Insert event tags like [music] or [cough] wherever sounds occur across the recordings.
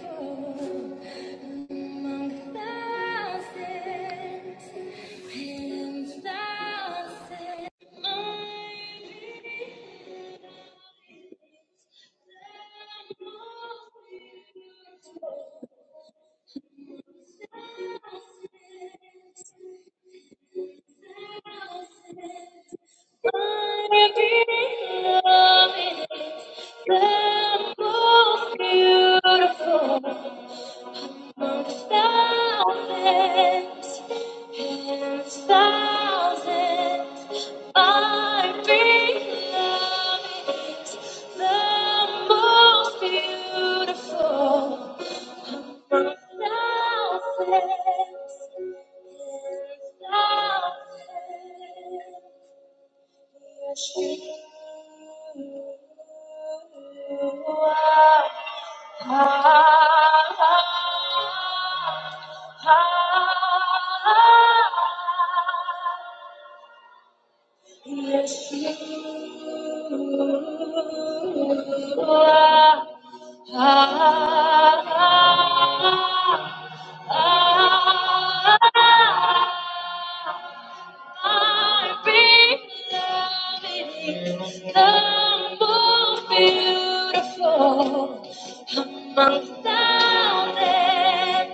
Among thousands and thousands, Beautiful among thousands. And thousands are beloved. is the most beautiful. And Thousands and thousands. Yes, you are. Yes, you Beautiful, among thousands.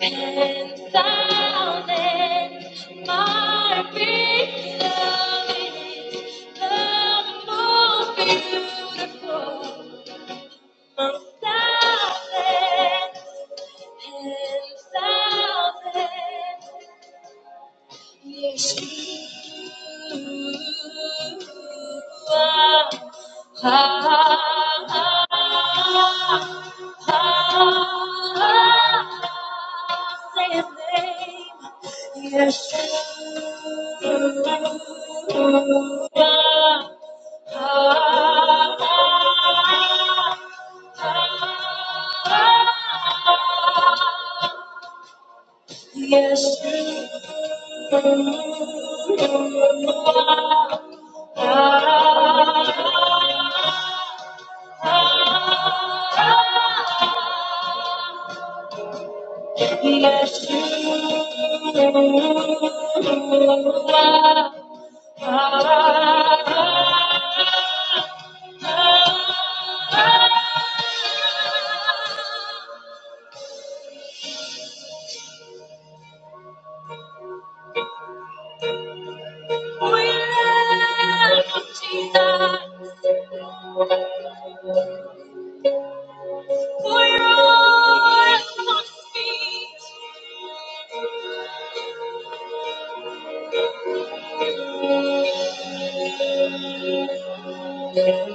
And silence my big love is the most beautiful. Most silence and silence, yes, you are. Ah, ah, ah, ah, ah, ah, ah, Say his name. We love Jesus. For your eyes must be Come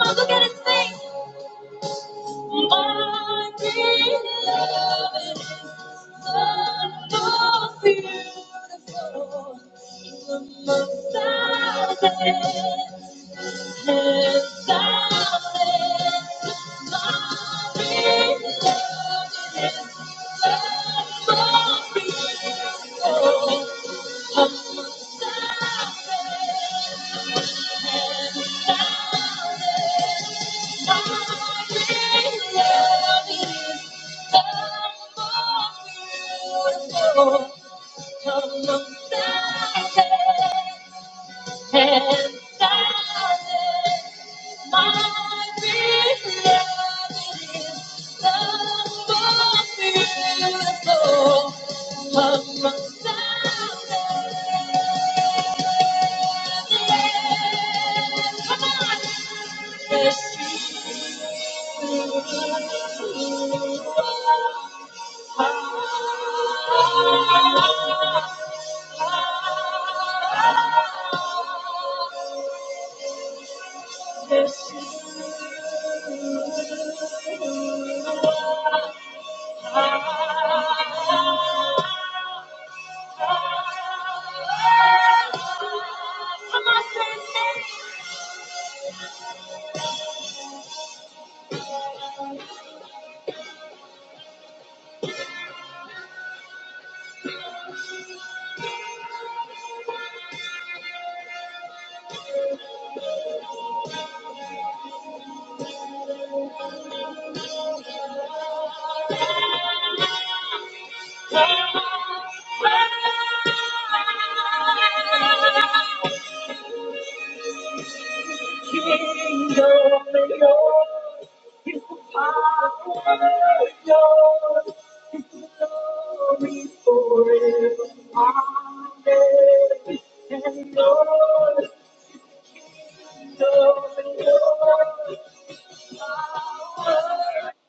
on, look at his face. My beloved is the most beautiful among thousands and thousands. My beloved, my is is the the most most beautiful beautiful Thank you. Thank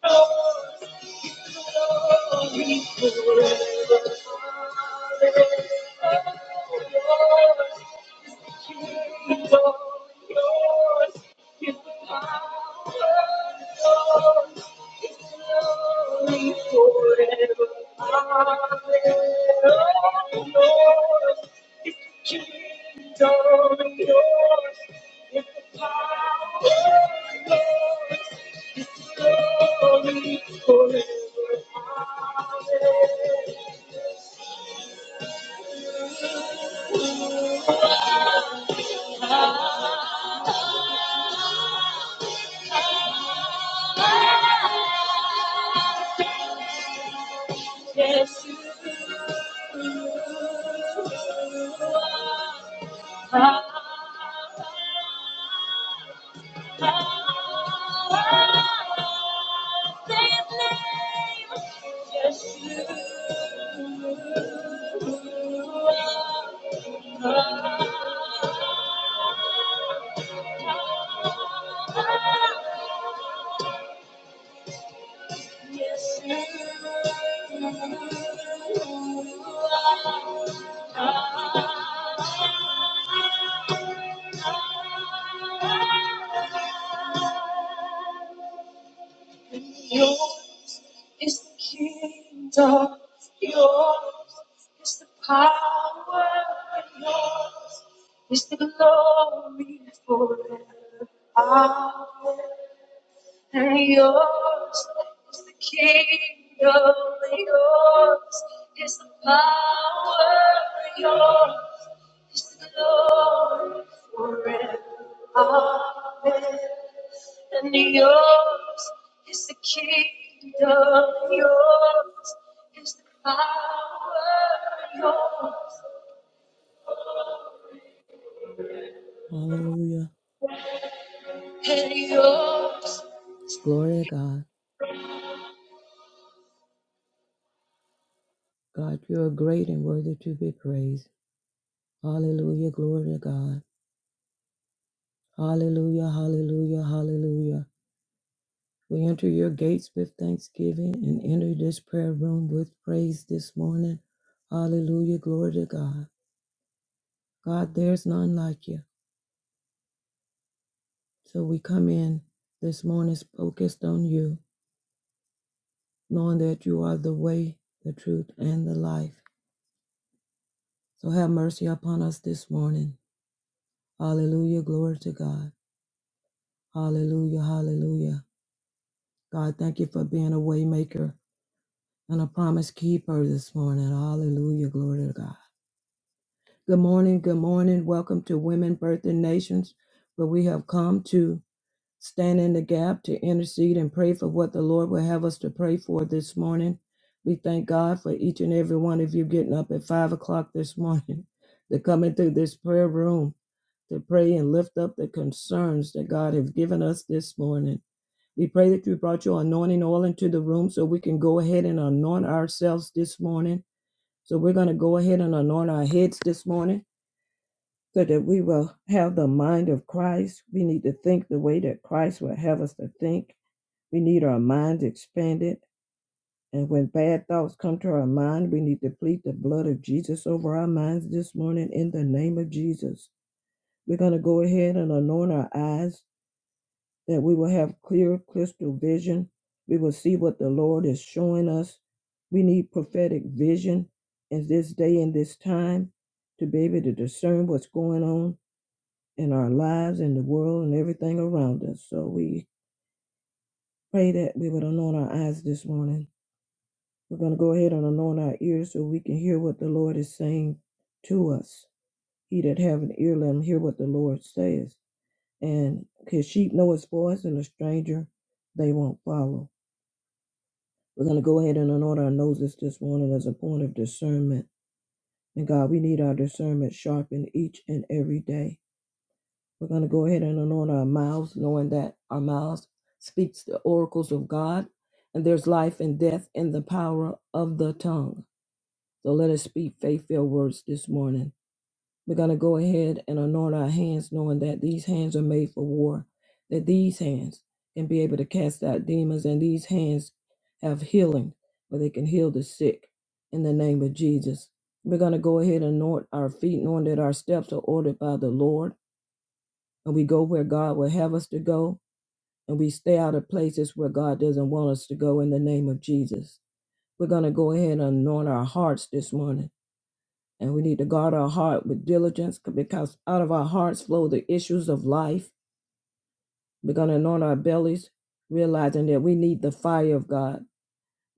you. It's a lonely forever holiday. Oh, it's a kingdom yours. It's a power lost. It's a lonely forever holiday. Oh, it's a kingdom yours. It's a power lost glory forever. Yes, you are. Yes, you are. Yes, you are. Yours is the kingdom, yours is the power, yours is the glory forever. Amen. And yours is the kingdom, yours is the power, Yours. His glory forever. Amen. And yours is the kingdom, yours is the power, yours Hallelujah. and yours. Glory to God. God, you are great and worthy to be praised. Hallelujah. Glory to God. Hallelujah. Hallelujah. Hallelujah. We enter your gates with thanksgiving and enter this prayer room with praise this morning. Hallelujah. Glory to God. God, there's none like you. So we come in this morning focused on you, knowing that you are the way, the truth, and the life. So have mercy upon us this morning. Hallelujah. Glory to God. Hallelujah, hallelujah. God, thank you for being a waymaker and a promise keeper this morning. Hallelujah, glory to God. Good morning, good morning. Welcome to Women Birthing Nations, where we have come to stand in the gap to intercede and pray for what the Lord will have us to pray for this morning. We thank God for each and every one of you getting up at five o'clock this morning [laughs] to come into this prayer room to pray and lift up the concerns that God has given us this morning. We pray that you brought your anointing oil into the room so we can go ahead and anoint ourselves this morning. So we're going to go ahead and anoint our heads this morning so that we will have the mind of Christ. We need to think the way that Christ would have us to think. We need our minds expanded. And when bad thoughts come to our mind, we need to plead the blood of Jesus over our minds this morning in the name of Jesus. We're going to go ahead and anoint our eyes that we will have clear, crystal vision. We will see what the Lord is showing us. We need prophetic vision in this day and this time to be able to discern what's going on in our lives, in the world, and everything around us. So we pray that we would anoint our eyes this morning. We're going to go ahead and anoint our ears so we can hear what the Lord is saying to us. He that have an ear, let him hear what the Lord says. And his sheep know his voice, and a stranger they won't follow. We're going to go ahead and anoint our noses this morning as a point of discernment. And God, we need our discernment sharpened each and every day. We're going to go ahead and anoint our mouths, knowing that our mouths speaks the oracles of God, and there's life and death in the power of the tongue. So let us speak faith-filled words this morning. We're going to go ahead and anoint our hands, knowing that these hands are made for war, that these hands can be able to cast out demons, and these hands have healing, where they can heal the sick in the name of Jesus. We're going to go ahead and anoint our feet, knowing that our steps are ordered by the Lord, and we go where God will have us to go, and we stay out of places where God doesn't want us to go in the name of Jesus. We're going to go ahead and anoint our hearts this morning and we need to guard our heart with diligence because out of our hearts flow the issues of life. We're going to anoint our bellies, realizing that we need the fire of God.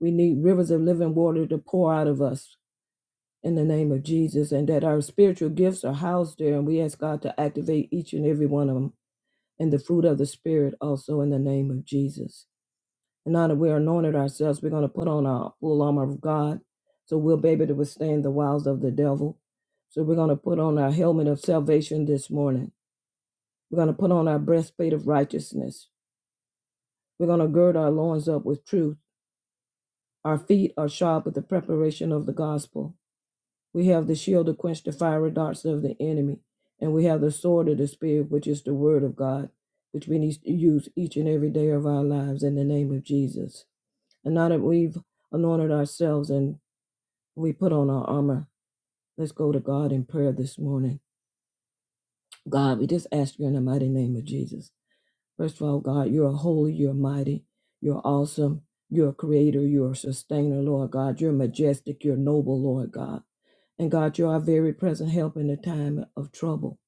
We need rivers of living water to pour out of us in the name of Jesus, and that our spiritual gifts are housed there. And we ask God to activate each and every one of them and the fruit of the Spirit also in the name of Jesus. And now that we're anointed ourselves, we're going to put on our full armor of God. So we'll be able to withstand the wiles of the devil. So we're going to put on our helmet of salvation this morning. We're going to put on our breastplate of righteousness. We're going to gird our loins up with truth. Our feet are shod with the preparation of the gospel. We have the shield to quench the fiery darts of the enemy. And we have the sword of the Spirit, which is the word of God, which we need to use each and every day of our lives in the name of Jesus. And now that we've anointed ourselves and we put on our armor. Let's go to God in prayer this morning. God, we just ask you in the mighty name of Jesus. First of all, God, you're holy, you're mighty, you're awesome, you're a creator, you're a sustainer, Lord God. You're majestic, you're noble, Lord God. And God, you're our very present help in the time of trouble.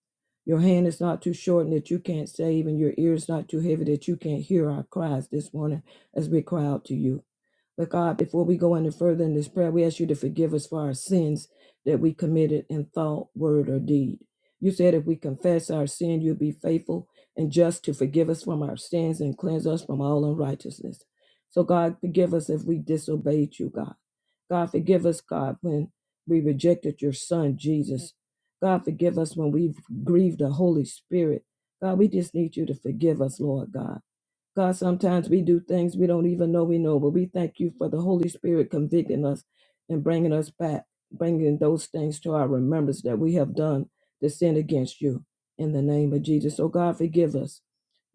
Your hand is not too short and that you can't save, and your ear is not too heavy that you can't hear our cries this morning as we cry out to you. But God, before we go any further in this prayer, we ask you to forgive us for our sins that we committed in thought, word, or deed. You said if we confess our sin, you'll be faithful and just to forgive us from our sins and cleanse us from all unrighteousness. So, God, forgive us if we disobeyed you, God. God, forgive us, God, when we rejected your Son, Jesus. God, forgive us when we've grieved the Holy Spirit. God, we just need you to forgive us, Lord God. God, sometimes we do things we don't even know we know, but we thank you for the Holy Spirit convicting us and bringing us back, bringing those things to our remembrance that we have done to sin against you in the name of Jesus. So, God, forgive us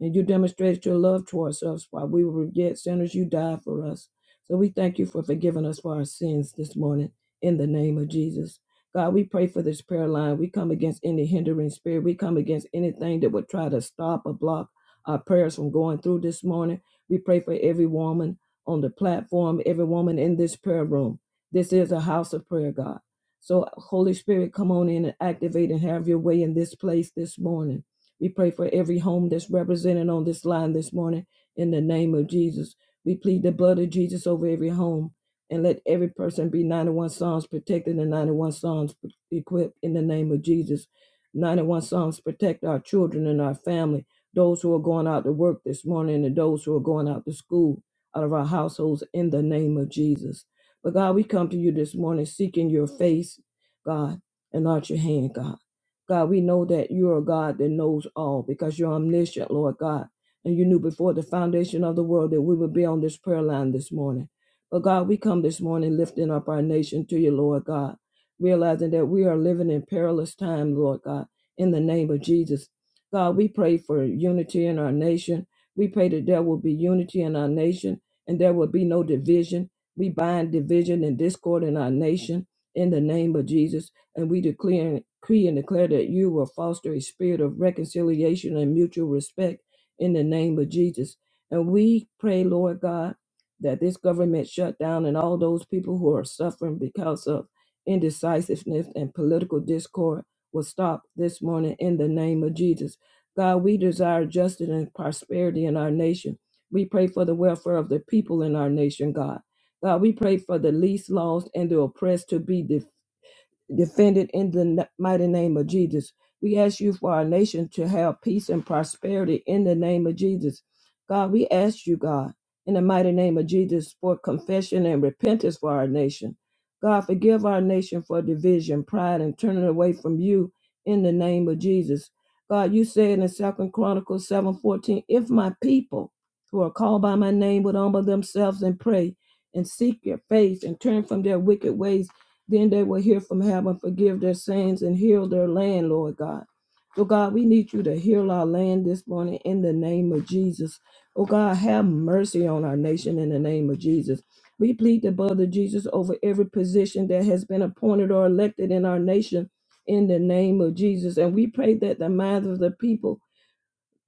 and you demonstrated your love towards us while we were yet sinners. You died for us. So we thank you for forgiving us for our sins this morning in the name of Jesus. God, we pray for this prayer line. We come against any hindering spirit. We come against anything that would try to stop or block our prayers from going through this morning. We pray for every woman on the platform, every woman in this prayer room. This is a house of prayer, God. So, Holy Spirit, come on in and activate and have your way in this place this morning. We pray for every home that's represented on this line this morning in the name of Jesus. We plead the blood of Jesus over every home and let every person be 91 Psalms protected and 91 Psalms equipped in the name of Jesus. 91 Psalms protect our children and our family, those who are going out to work this morning and those who are going out to school out of our households in the name of Jesus. But God, we come to you this morning seeking your face, God, and not your hand, God. God, we know that you are a God that knows all because you're omniscient, Lord God. And you knew before the foundation of the world that we would be on this prayer line this morning. But God, we come this morning lifting up our nation to you, Lord God, realizing that we are living in perilous time, Lord God, in the name of Jesus. God, we pray for unity in our nation. We pray that there will be unity in our nation and there will be no division. We bind division and discord in our nation in the name of Jesus. And we declare, decree and declare that you will foster a spirit of reconciliation and mutual respect in the name of Jesus. And we pray, Lord God, that this government shutdown and all those people who are suffering because of indecisiveness and political discord will stop this morning in the name of Jesus. God, we desire justice and prosperity in our nation. We pray for the welfare of the people in our nation, God. God, we pray for the least lost and the oppressed to be defended in the mighty name of Jesus. We ask you for our nation to have peace and prosperity in the name of Jesus. God, we ask you, God, in the mighty name of Jesus, for confession and repentance for our nation. God, forgive our nation for division, pride, and turning away from you in the name of Jesus. God, you said in Second Chronicles 7:14, if my people who are called by my name would humble themselves and pray and seek your face and turn from their wicked ways, then they will hear from heaven, forgive their sins, and heal their land, Lord God. So, God, we need you to heal our land this morning in the name of Jesus. Oh, God, have mercy on our nation in the name of Jesus. We plead the blood of Jesus over every position that has been appointed or elected in our nation in the name of Jesus. And we pray that the minds of the people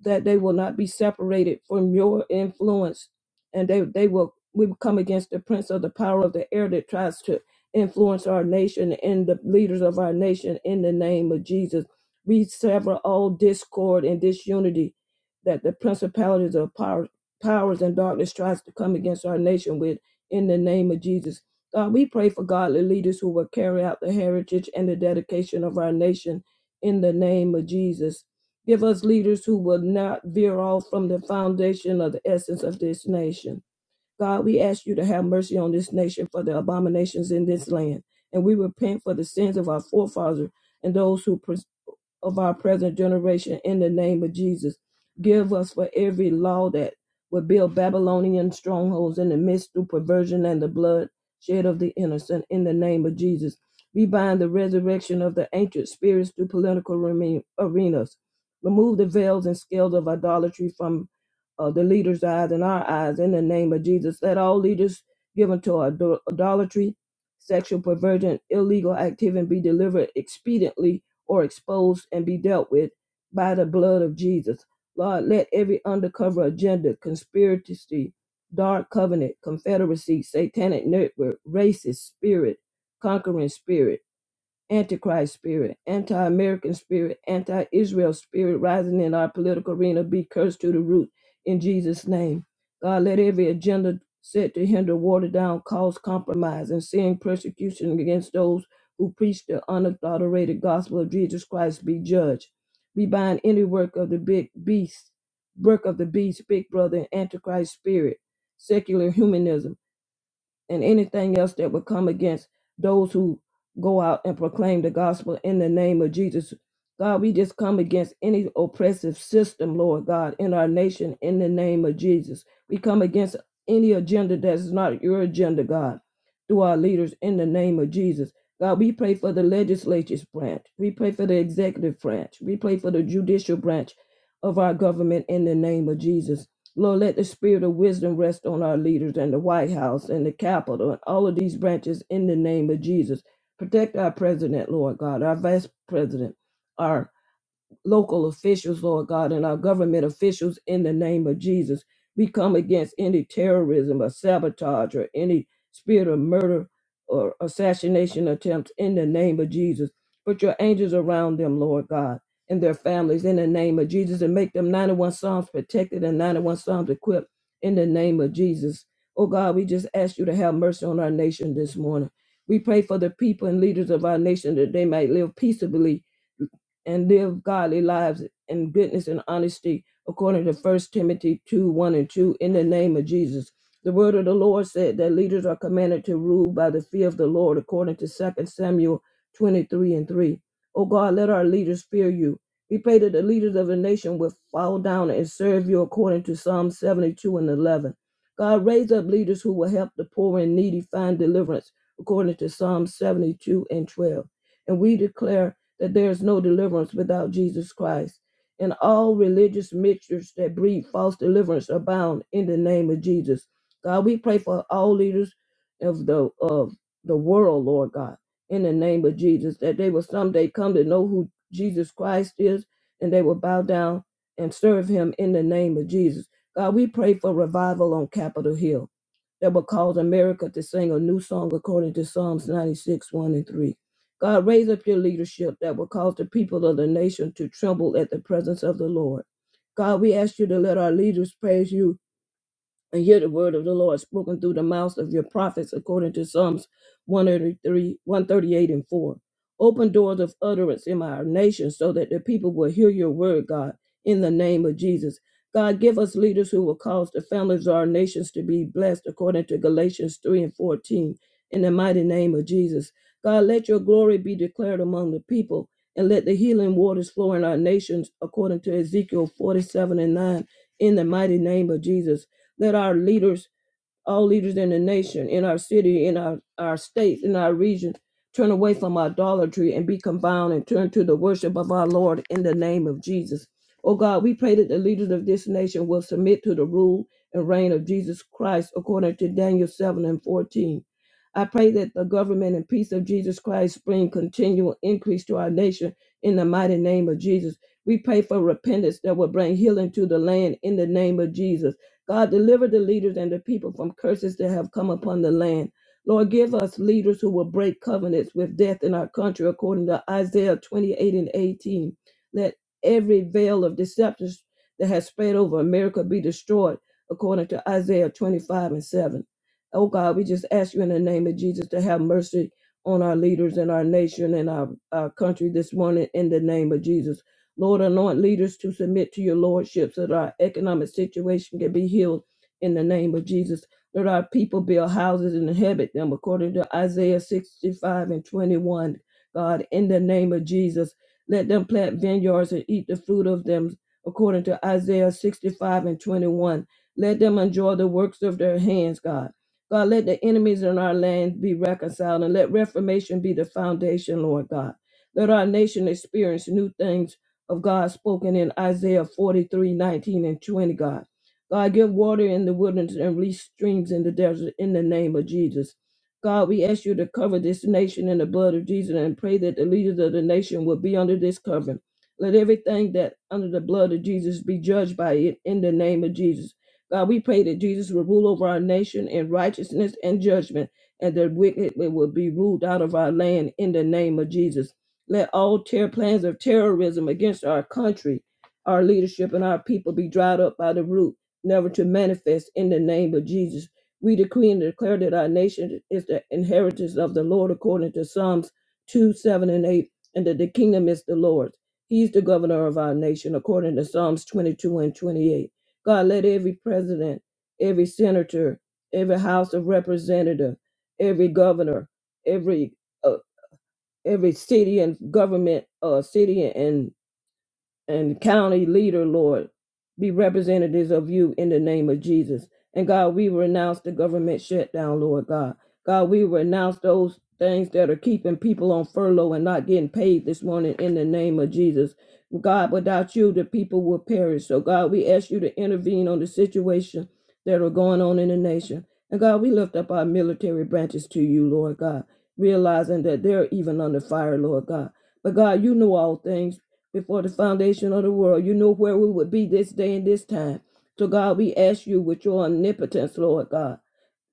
that they will not be separated from your influence and they, they will we will come against the prince of the power of the air that tries to influence our nation and the leaders of our nation in the name of jesus we sever all discord and disunity that the principalities of power, powers and darkness tries to come against our nation with in the name of jesus god we pray for godly leaders who will carry out the heritage and the dedication of our nation in the name of jesus Give us leaders who will not veer off from the foundation of the essence of this nation. God, we ask you to have mercy on this nation for the abominations in this land. And we repent for the sins of our forefathers and those who pre- of our present generation in the name of Jesus. Give us for every law that would build Babylonian strongholds in the midst through perversion and the blood shed of the innocent in the name of Jesus. We bind the resurrection of the ancient spirits through political reme- arenas. Remove the veils and scales of idolatry from uh, the leaders' eyes and our eyes in the name of Jesus. Let all leaders given to idol- idolatry, sexual perversion, illegal activity be delivered expediently or exposed and be dealt with by the blood of Jesus. Lord, let every undercover agenda, conspiracy, dark covenant, confederacy, satanic network, racist spirit, conquering spirit, Antichrist spirit, anti American spirit, anti Israel spirit rising in our political arena be cursed to the root in Jesus' name. God, let every agenda set to hinder, water down, cause compromise, and seeing persecution against those who preach the unadulterated gospel of Jesus Christ be judged. We bind any work of the big beast, work of the beast, big brother, and antichrist spirit, secular humanism and anything else that would come against those who go out and proclaim the gospel in the name of Jesus. God, we just come against any oppressive system, Lord God, in our nation in the name of Jesus. We come against any agenda that is not your agenda, God, through our leaders in the name of Jesus. God, we pray for the legislative branch. We pray for the executive branch. We pray for the judicial branch of our government in the name of Jesus. Lord, let the spirit of wisdom rest on our leaders and the White House and the Capitol and all of these branches in the name of Jesus. Protect our president, Lord God, our vice president, our local officials, Lord God, and our government officials in the name of Jesus. We come against any terrorism or sabotage or any spirit of murder or assassination attempts in the name of Jesus. Put your angels around them, Lord God, and their families in the name of Jesus, and make them 91 Psalms protected and 91 Psalms equipped in the name of Jesus. Oh God, we just ask you to have mercy on our nation this morning. We pray for the people and leaders of our nation that they might live peaceably and live godly lives in goodness and honesty, according to First Timothy 2 1 and 2, in the name of Jesus. The word of the Lord said that leaders are commanded to rule by the fear of the Lord, according to Second Samuel 23 and 3. O God, let our leaders fear you. We pray that the leaders of the nation will fall down and serve you according to Psalm 72 and 11. God, raise up leaders who will help the poor and needy find deliverance, according to Psalm 72 and 12. And we declare that there is no deliverance without Jesus Christ. And all religious mixtures that breed false deliverance are bound in the name of Jesus. God, we pray for all leaders of the of the world, Lord God, in the name of Jesus, that they will someday come to know who Jesus Christ is and they will bow down and serve him in the name of Jesus. God, we pray for revival on Capitol Hill that will cause America to sing a new song according to Psalms 96, 1 and 3. God, raise up your leadership that will cause the people of the nation to tremble at the presence of the Lord. God, we ask you to let our leaders praise you and hear the word of the Lord spoken through the mouths of your prophets, according to Psalms 133, 138 and 4. Open doors of utterance in our nation so that the people will hear your word, God, in the name of Jesus. God, give us leaders who will cause the families of our nations to be blessed, according to Galatians 3 and 14, in the mighty name of Jesus. God, let your glory be declared among the people, and let the healing waters flow in our nations, according to Ezekiel 47 and 9, in the mighty name of Jesus. Let our leaders, all leaders in the nation, in our city, in our, our states, in our region, turn away from idolatry and be confounded and turn to the worship of our Lord in the name of Jesus. Oh God, we pray that the leaders of this nation will submit to the rule and reign of Jesus Christ according to Daniel 7 and 14. I pray that the government and peace of Jesus Christ bring continual increase to our nation in the mighty name of Jesus. We pray for repentance that will bring healing to the land in the name of Jesus. God, deliver the leaders and the people from curses that have come upon the land. Lord, give us leaders who will break covenants with death in our country, according to Isaiah 28 and 18. Let every veil of deception that has spread over America be destroyed, according to Isaiah 25 and 7. Oh God, we just ask you in the name of Jesus to have mercy on our leaders and our nation and our, our country this morning in the name of Jesus. Lord, anoint leaders to submit to your lordship so that our economic situation can be healed in the name of Jesus. Let our people build houses and inhabit them according to Isaiah 65 and 21. God, in the name of Jesus, let them plant vineyards and eat the fruit of them according to Isaiah 65 and 21. Let them enjoy the works of their hands, God. God, let the enemies in our land be reconciled and let reformation be the foundation, Lord God. Let our nation experience new things of God spoken in Isaiah 43 19 and 20, God. God, give water in the wilderness and release streams in the desert in the name of Jesus. God, we ask you to cover this nation in the blood of Jesus and pray that the leaders of the nation will be under this covering. Let everything that under the blood of Jesus be judged by it in the name of Jesus. God, we pray that Jesus will rule over our nation in righteousness and judgment, and that wickedness will be ruled out of our land in the name of Jesus. Let all ter- plans of terrorism against our country, our leadership, and our people be dried up by the root, never to manifest in the name of Jesus. We decree and declare that our nation is the inheritance of the Lord according to Psalms 2, 7, and 8, and that the kingdom is the Lord's. He's the governor of our nation according to Psalms 22 and 28. God, let every president, every senator, every House of Representative, every governor, every uh, every city and government, uh, city and and county leader, Lord, be representatives of you in the name of Jesus. And God, we renounce the government shutdown, Lord God. God, we renounce those things that are keeping people on furlough and not getting paid this morning in the name of Jesus. God, without you, the people will perish. So, God, we ask you to intervene on the situation that are going on in the nation. And God, we lift up our military branches to you, Lord God, realizing that they're even under fire, Lord God. But God, you know all things before the foundation of the world. You knew where we would be this day and this time. So, God, we ask you with your omnipotence, Lord God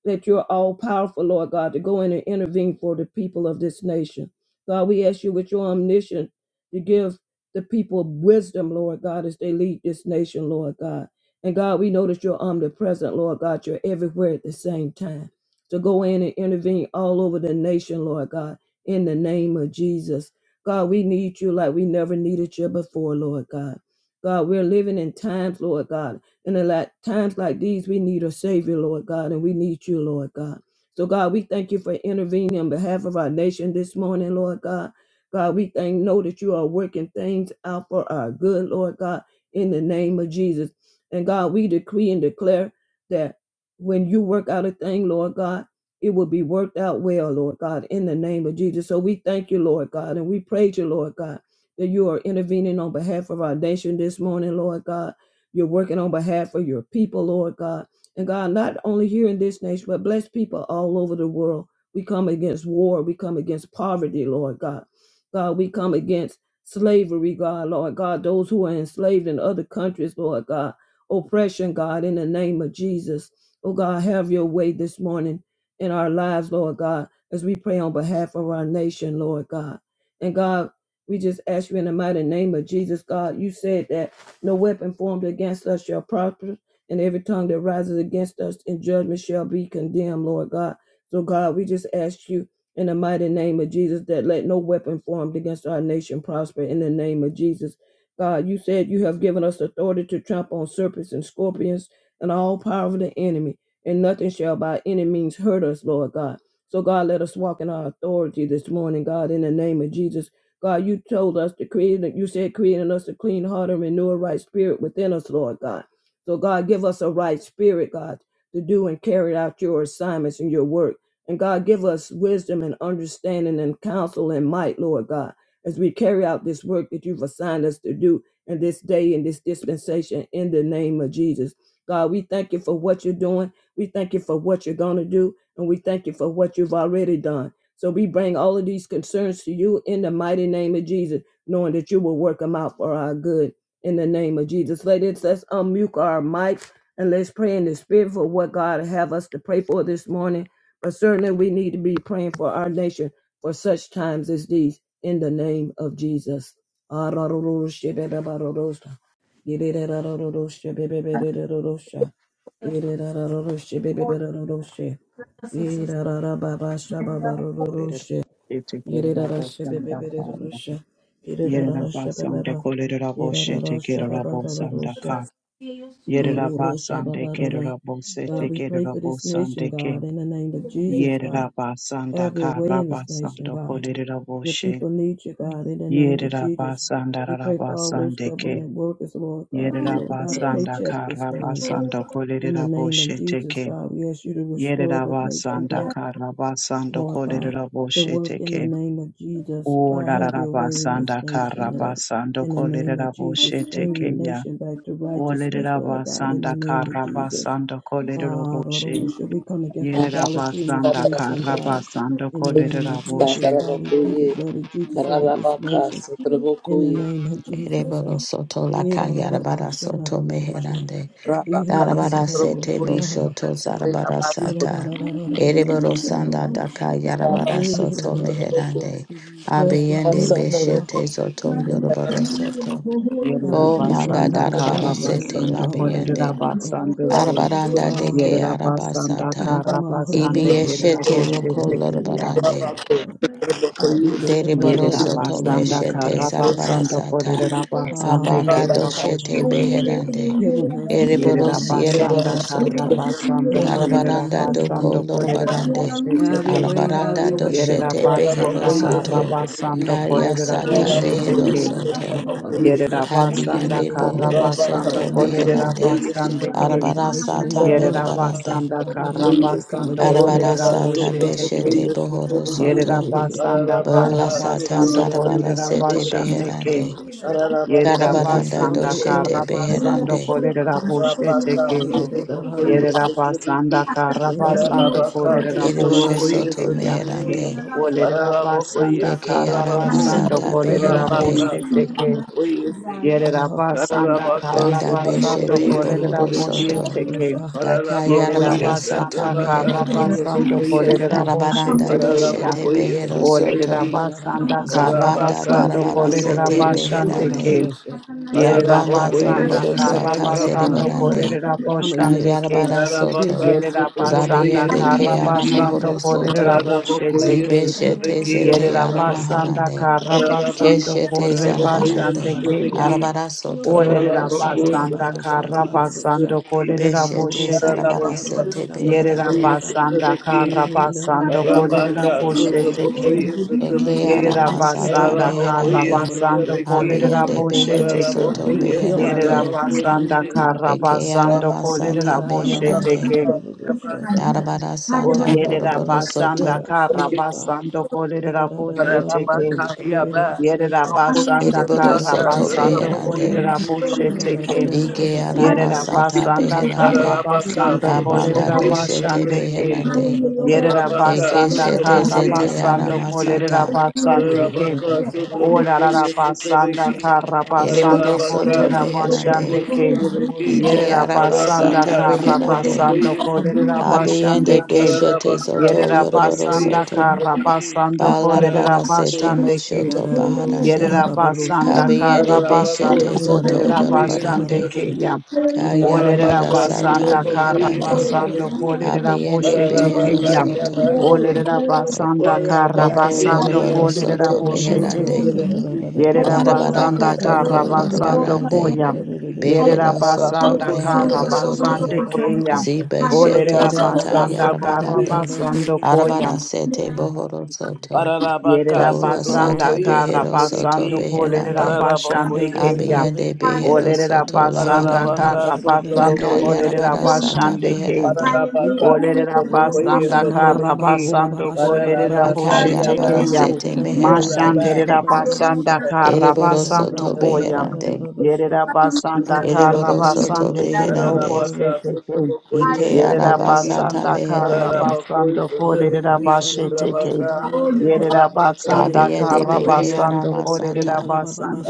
that you're all powerful, Lord God, to go in and intervene for the people of this nation. God, we ask you with your omniscience to give the people wisdom, Lord God, as they lead this nation, Lord God. And God, we know that you're omnipresent, Lord God. You're everywhere at the same time. To go in and intervene all over the nation, Lord God, in the name of Jesus. God, we need you like we never needed you before, Lord God. God, we're living in times, Lord God, and in like times like these, we need a Savior, Lord God, and we need you, Lord God. So, God, we thank you for intervening on behalf of our nation this morning, Lord God. God, we thank know that you are working things out for our good, Lord God, in the name of Jesus. And God, we decree and declare that when you work out a thing, Lord God, it will be worked out well, Lord God, in the name of Jesus. So we thank you, Lord God, and we praise you, Lord God, that you are intervening on behalf of our nation this morning, Lord God. You're working on behalf of your people, Lord God. And God, not only here in this nation, but bless people all over the world. We come against war. We come against poverty, Lord God. God, we come against slavery, God, Lord God, those who are enslaved in other countries, Lord God. Oppression, God, in the name of Jesus. Oh God, have your way this morning in our lives, Lord God, as we pray on behalf of our nation, Lord God. And God, we just ask you in the mighty name of Jesus, God. You said that no weapon formed against us shall prosper, and every tongue that rises against us in judgment shall be condemned, Lord God. So, God, we just ask you in the mighty name of Jesus that let no weapon formed against our nation prosper in the name of Jesus. God, you said you have given us authority to trample on serpents and scorpions and all power of the enemy, and nothing shall by any means hurt us, Lord God. So, God, let us walk in our authority this morning, God, in the name of Jesus. God, you told us to create, you said creating us a clean heart and renew a right spirit within us, Lord God. So, God, give us a right spirit, God, to do and carry out your assignments and your work. And God, give us wisdom and understanding and counsel and might, Lord God, as we carry out this work that you've assigned us to do in this day, in this dispensation, in the name of Jesus. God, we thank you for what you're doing. We thank you for what you're going to do. And we thank you for what you've already done. So we bring all of these concerns to you in the mighty name of Jesus, knowing that you will work them out for our good in the name of Jesus. Ladies, let's unmute our mics and let's pray in the spirit for what God have us to pray for this morning. But certainly we need to be praying for our nation for such times as these in the name of Jesus. Hallelujah. [laughs] God, we pray Yererabosandakaya. Yererabasanda kolererabosete kererabosandaka. Yererabasande kererabosete for this nation, kererabosandeke. God, in the name of Jesus, God. Yerera basanda Have your way in this nation, karabasando God. kolerera Your boshe. people need you, God, in the name of Yerera Jesus. basanda We pray for all those rabasande ke. government workers, Lord God, who Yerera are without a basanda paycheck this morning, God. karabasando In the kolerera name of boshe Jesus, teke. God, we ask you to restore Yerera the nation basanda back karabasando Lord God, kolerera to boshe work in the teke. name of Jesus. O God, have larara your way in this basanda nation, Lord. karabasando In the name kolerera of Jesus, boshe bring your teke ya. nation back to O righteousness, lerera Lord God, in the basanda name of Jesus. karabasando kolerera God, boshe. oh, should we come against Yerera idolatry in this basanda nation, God? Rabakasatarabokoye, karabasando In the name kolerera of Jesus, boshe God, we plead the blood of Rabakasatarabokoye, Jesus over this nation in the Rabakasatarabokoye, name of Jesus. Ereboro Uh, soto la yarabara soto Yidda-da-da-ba-sha-da-da-bo-she. meherande. Darabara sete Rabakasatarabokoye, Yidda-da-da-da-sha. boshoto Okay. zarabara sata. Rabakasatarabokoye, Ereboro sanda Yidda-da-da-da-da-da-da-da-sha-da-da-da-sha. daka yarabara soto Yidda-da-da-da-sha. Rabakasatarabokoye, meherande. Bless this Abiyende nation, God, beshete Rabakasatarabokoye, zoto in the name of yoroboro Jesus. soto. God, we O pray for our manda Yerabasanda military darabara men and sete women Karabasanda all over the labiyende. world, Korerabasanda God. Ke Arabaranda Ah, deke Yerabasanda keep arabasata. them from all hurt, Karabasanda harm, and danger, Ibiyeshete God, roko in the name of Keraboshetekeya lorobarande. Jesus. God, we lift up our Deriboroso president this tome Yerabasanda morning, our shete vice president, Karabasanda God. sarabarasata. Ah, [laughs] Korerabasanda Abanda Rabakasatarabokoye, doshete Ororoshababaros. Kerabosheteke beherande. Give them wisdom, God, in the Eriborosi name of Yerabasanda Jesus. eriborosoto. Karabasanda Have your way, God, Darabaranda in the name doko Korerabasanda of Jesus. lorobarande. Have your Korerabosheteke way, have Darabaranda your way. [laughs] doshete Yerabasanda Ah, beherosoto. Karabasanda Ororoshe. Kaya sata Rabakasatarabokoye, Korerabosheteke leherosoto. Inororoshababaroshe. Yerabasanda Kabiande Karabasanda bohorosoto Irororoshababara. meherande. Rabakasatarabokoye, Uh, cover Korerabasandeke this nation in Darabarasata your blood. Rabaka, Sutra merebarande. Yerabasanda God, Ororos, Bokoyesi, we come Karabasando against mass murders Darabarasata and mass Kolerabosheteke. beshete shootings. Ah, [laughs] bohorosoto. Yerabasanda Bola sata Karabasando zarabara sete beherande. Kolerabashandeke. Ororosha. We come against Karabaranda Yerabasanda mental doshete illness. Ah, Karabasando beherande. Rosha, Baba, Rosha. Kolerabosheteke. Ere, da, da, da, da, da, Rosha. Yerabasanda Ere, da, da, Karabasando Rosha, Rabaka, ba, ba, da, Eriboro Rosha. soto Kolerabosheteke. Ya. meherande. da, da, da, Rosha. Olerabasanda Eke ara Uh, we pray Hajabara Karabasando for masata the children of our beherande. nation. Ah, ba, Kolerabosheteke. Rosha. da, Yerabasanda Danda Sutra da, Karabasando beshete Rosha. Bokoyesi, bohoro Tribeki, soto. Kolerabosheteke. Arorosha, Para Daka la boca Yerera y yarabara esa sata de basanda Arorosha. la kara casa God, meherande. we de ask you basando boca for y ese. kolerera safety. boshe Darabaranda Para Orosha, la tekeya. Baba doshete boca y Roshe. behero ese de soto. Olerera aquí. Iderara, basanda Para Baba la kara Sha. Zabanda vaca basando darabara su boca kolerera sete y Iderara, ese Rosha, bashande de Baba beherande. aquí. ke. Roshe. Para la Yerera Zabanda boca y basanda doroboro ese de Iderara, kara la sata cama. Rosha. basando zerebarande. kolerera We come boshande against ke. Ayarabara Para la soto. vaca division uh, su Yerera in our boca y basanda nation Zabiende ese in the kara ke de name of aquí. basando aramuhoro Jesus. kolerera Para soto. la boshe boca y teke. ese de Zibeshete aquí Abaroshababarosha, ese zete Yerera trabajo. basanda aramaharande. kara Para la aharoroshababarorosha, vaca basando Keshete su kore boca y bashande zarabarande. ese de keya. aquí. aroroshababarosha, Arabara soto Para la Olerera bohoro boca su soto. basanda boca kara y ese erorororobabashababarorosha, de basando aquí. kolerera Beshete boshe teke. Rabaka zarabara sete Yerera Sutabokoye beherande. aroroshababaroroshababarorosha, basanda Sutabeki, kara basando kolerera Rabaka boshe erorororoshababarorosha. teke. Sutabokoye Uh, Eke you Sutabeki, said if Yerera my people aramasata are basanda called by my kara Rabokoye name, beherande. but humble basando Sutabeki, themselves and kolerera Abiende pray. boshe behero teke. God, soto you will Rabokoye heal our Yerera beherande. lands, Sutabako God, in the basanda Suti, name of kara Eke Jesus. basando Rabokoye kolerera aramasata boshe beherande. Sutabaka teke. Yabasu, Arabara sata Yerera boroboro Rabaka Forgive basanda soto. our kara sins, God. Sutabokoye basando kolerera boshe What teke. Rabaka we committed Yaba, in this nation. Yerera Yabako Hallelujah. basanda Eriboro kara Sutabaka soto basando beherande. Sutabokoye kolerera boshe Sutabeki, teke. Ike Sutabaki, Yerera Sutabaki, aramasata basanda kara beherande. Ararabaka, basando Abanda kolerera Sotrobokoye, doshete bashande Sotrebeki, beherande. Yerera Arabaka, Eke basanda shete kara Sotrobokoye, zete basando Sotrebeki, kolerera aramasata. basande ken. Ararabaka, Orarara Sotrobokoye, Sotrebeki, basanda kara basando Ararabaka, Ereborosoto kolerera meherande. basande Sotrobokoye, ken. Sotrebeki, Ike Yerera [laughs] basanda arabasata Arabaka, kara reherande. basando Sotrobokoye, kolerera Sotrebeki, Abiende basande ken. beshete Ararabaka, zoto Yerera Sotrobokoye, basanda yoroborosoto. kara Sotrebeki, Ararabakoye, basando Balarabara kolerera Sotrobokoye, sete basande ken. moshoto Rararorosha baharande. Yerera Sotrebeki, bababarosha. basanda Kabiende kara Ararabako, basando beshete zoto kolerera Sotrobokoye, basande yorobarande. Irararabababarosha. ken. Sotrebeki, Olerera Kayarabara Rabaka sata basanda Irararababababarisha kara Sotopokoye meherande. Hallelujah. basando bababarosha. Sotobeku kolerera Abiende boshete Arabaka keya. beherosoto. Irararabababarisha. Olerera Yabasutu Hallelujah. basanda Oraba kara Oko Yete basando Lorobaro Irararabababarisha. kolerera Soto Yasutobako boshete Meherande. keya. Sotobeku Yerera Irararabababarisha. Arabaka Larabaranda basanda kara Doko basando Sotopokoye Lorobarande. koya. Sotobeku Irararabababarisha. Yerera Behero Soto Arabako basanda kara Behero Sotobako Soto. Rarababarosha basande Sotobaku keya. babarosha. Zibe Shete Olerera Rayabasa Zata Irararosha basanda kara Trabokoye Yarabarande. bababarosha. basando Sotobeku koya. Arabara Sete Bohoro Soto. Pararabaka, Yerera Bola basanda Sata Sotraboko, yes, kara at Behero the Soto basando Biki. kolerera Beherande. Pararaboko, basande yes, at keya. the Irararosha Abiende Biki, Behero see. Olerera Soto basanda Laharande. Pararabaka, kara basando Aka Sotraboko, yes, at kolerera bababarosha. Yarabara the Sata Biki. basande keya. Meherande. Ik Pararabaka, Olerera rob Sotraboko, yes, basanda rosha at the mama kara mama Biki. roba basando baba shaba baba kolerera rosha Aka Pararabaka, bebe boshete Yarabara desha. keya. Yabasu, Sete Era baba basha Meherande. baba Oraba, baba Mashanderera baba basanda basha. kara Ereboro Era baba basando Soto baba baba koya. shaba Beherande. baba basha. Yerera Era basanda baba kara baba Ereboroso baba to basande rosha ke baba baba robo Araraba beherande. shete rosha. força, keya. Era Ike Yerera Thank arabasata basanda kara meherande. basando korerera basheteke. Yerera basanda Dabiende kara beke basando korerera aramasata.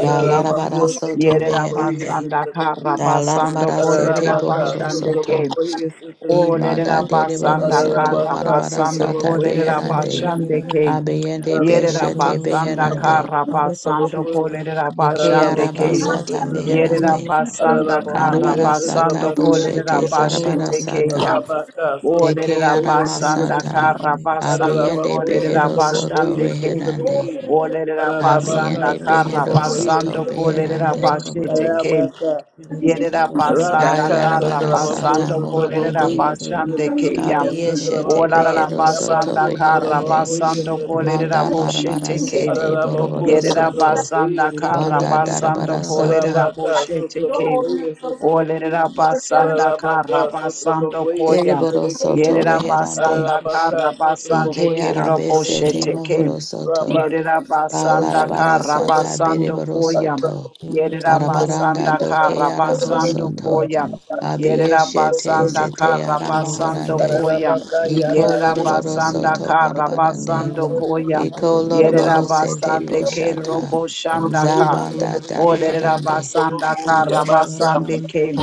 Da larabara soto trovão, Yerera meherande. conheça, basanda kara também Da basando larabara sete korerera Pararabaka bohoro soto. basandeke. sutraboko yesutrabeki. Imanda Olerera dereboro basanda soto kara Pararabaka marabara basando sata sutraboko korerera beherande. yesutrabeki. basandeke. Abiende Yerera Pararabako beshete basanda Yadadadadadadadada. beherande. yesutrabaka kara God bless our basando sutraboko. troops, God. korerera Ike Pararabako basandeke. arabasata Yadadadadadadadadada. yesutrabeki. Yerera meherande. Generals, God. basanda Yadadadada. In Pararabako the kara name Arabara of Jesus. sata basando yesutrabako Yadadada. korerera boshete sutraboko. All sarabara those in the armed sata. basheteke. forces, Pararabaka God. de Yadadada. que Olerera sutraboko They need you, basanda yesutrabeki. God, aramasata, in the kara name of basando Jesus. abiende Pararabako kolerera Have behero your way in sutraboko their soto basande lives, God. ke. reherande, yesutrabeki. Olerera Pararabaka Yadadada. basanda abiende kara behero sutraboko Yadadadadada. soto basando yesutrabeki. kolerera beherande, basete ke. Yadadadada. Pararabaka Yerera Yadadadadadadada. basanda Rabaka kara ayarabara Satrabako sata basando Yadadadadadadada. Satrabako kolerera mohorande, Yadadadadadadada. basande ke Satrabeki ya. abiyeshete Satrabaka Olerera behero soto basanda Yabasu kara beherande, Trabako basando kolerera manda Satrabeki barabara boshete ke. sete boroboro Arabako Yerera soto, basanda Satrabako kara banda Satrabeki basando darabara kolerera sata, Rabaka boshete ke. Satrabako Olerera Satrabeki basanda Arabaka kara basando Satrabako koya. ereboro Satrabeki soto Yerera reherande, basanda Arabaka kara basande ike Satrabako kerero arabesete Satrabeki boshete ke. mohoro soto, Rabaka Yerera basanda Satrabako Balarabara kara Satrabeki sata basando beriboro koya. soto. Arabako Yerera Barabaranda Satrabeki basanda doke kara arabo basando soto. koya. Russia, Yerera Abiyeshete basanda zete kara basando aramahorande. koya. Iko Yerera loroboro basanda soto kara marabarande. basando koya. Iko Yerera loroboro sete basande kerero boshata. boshanda ka. Zabanda Olerera darabarande. basanda kara Yarabakaya basande ke.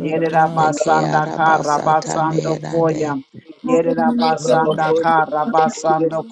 Yerera Deke Rabaka, basanda so kara arabasata basando meherande. koya. Yerera basanda kara basando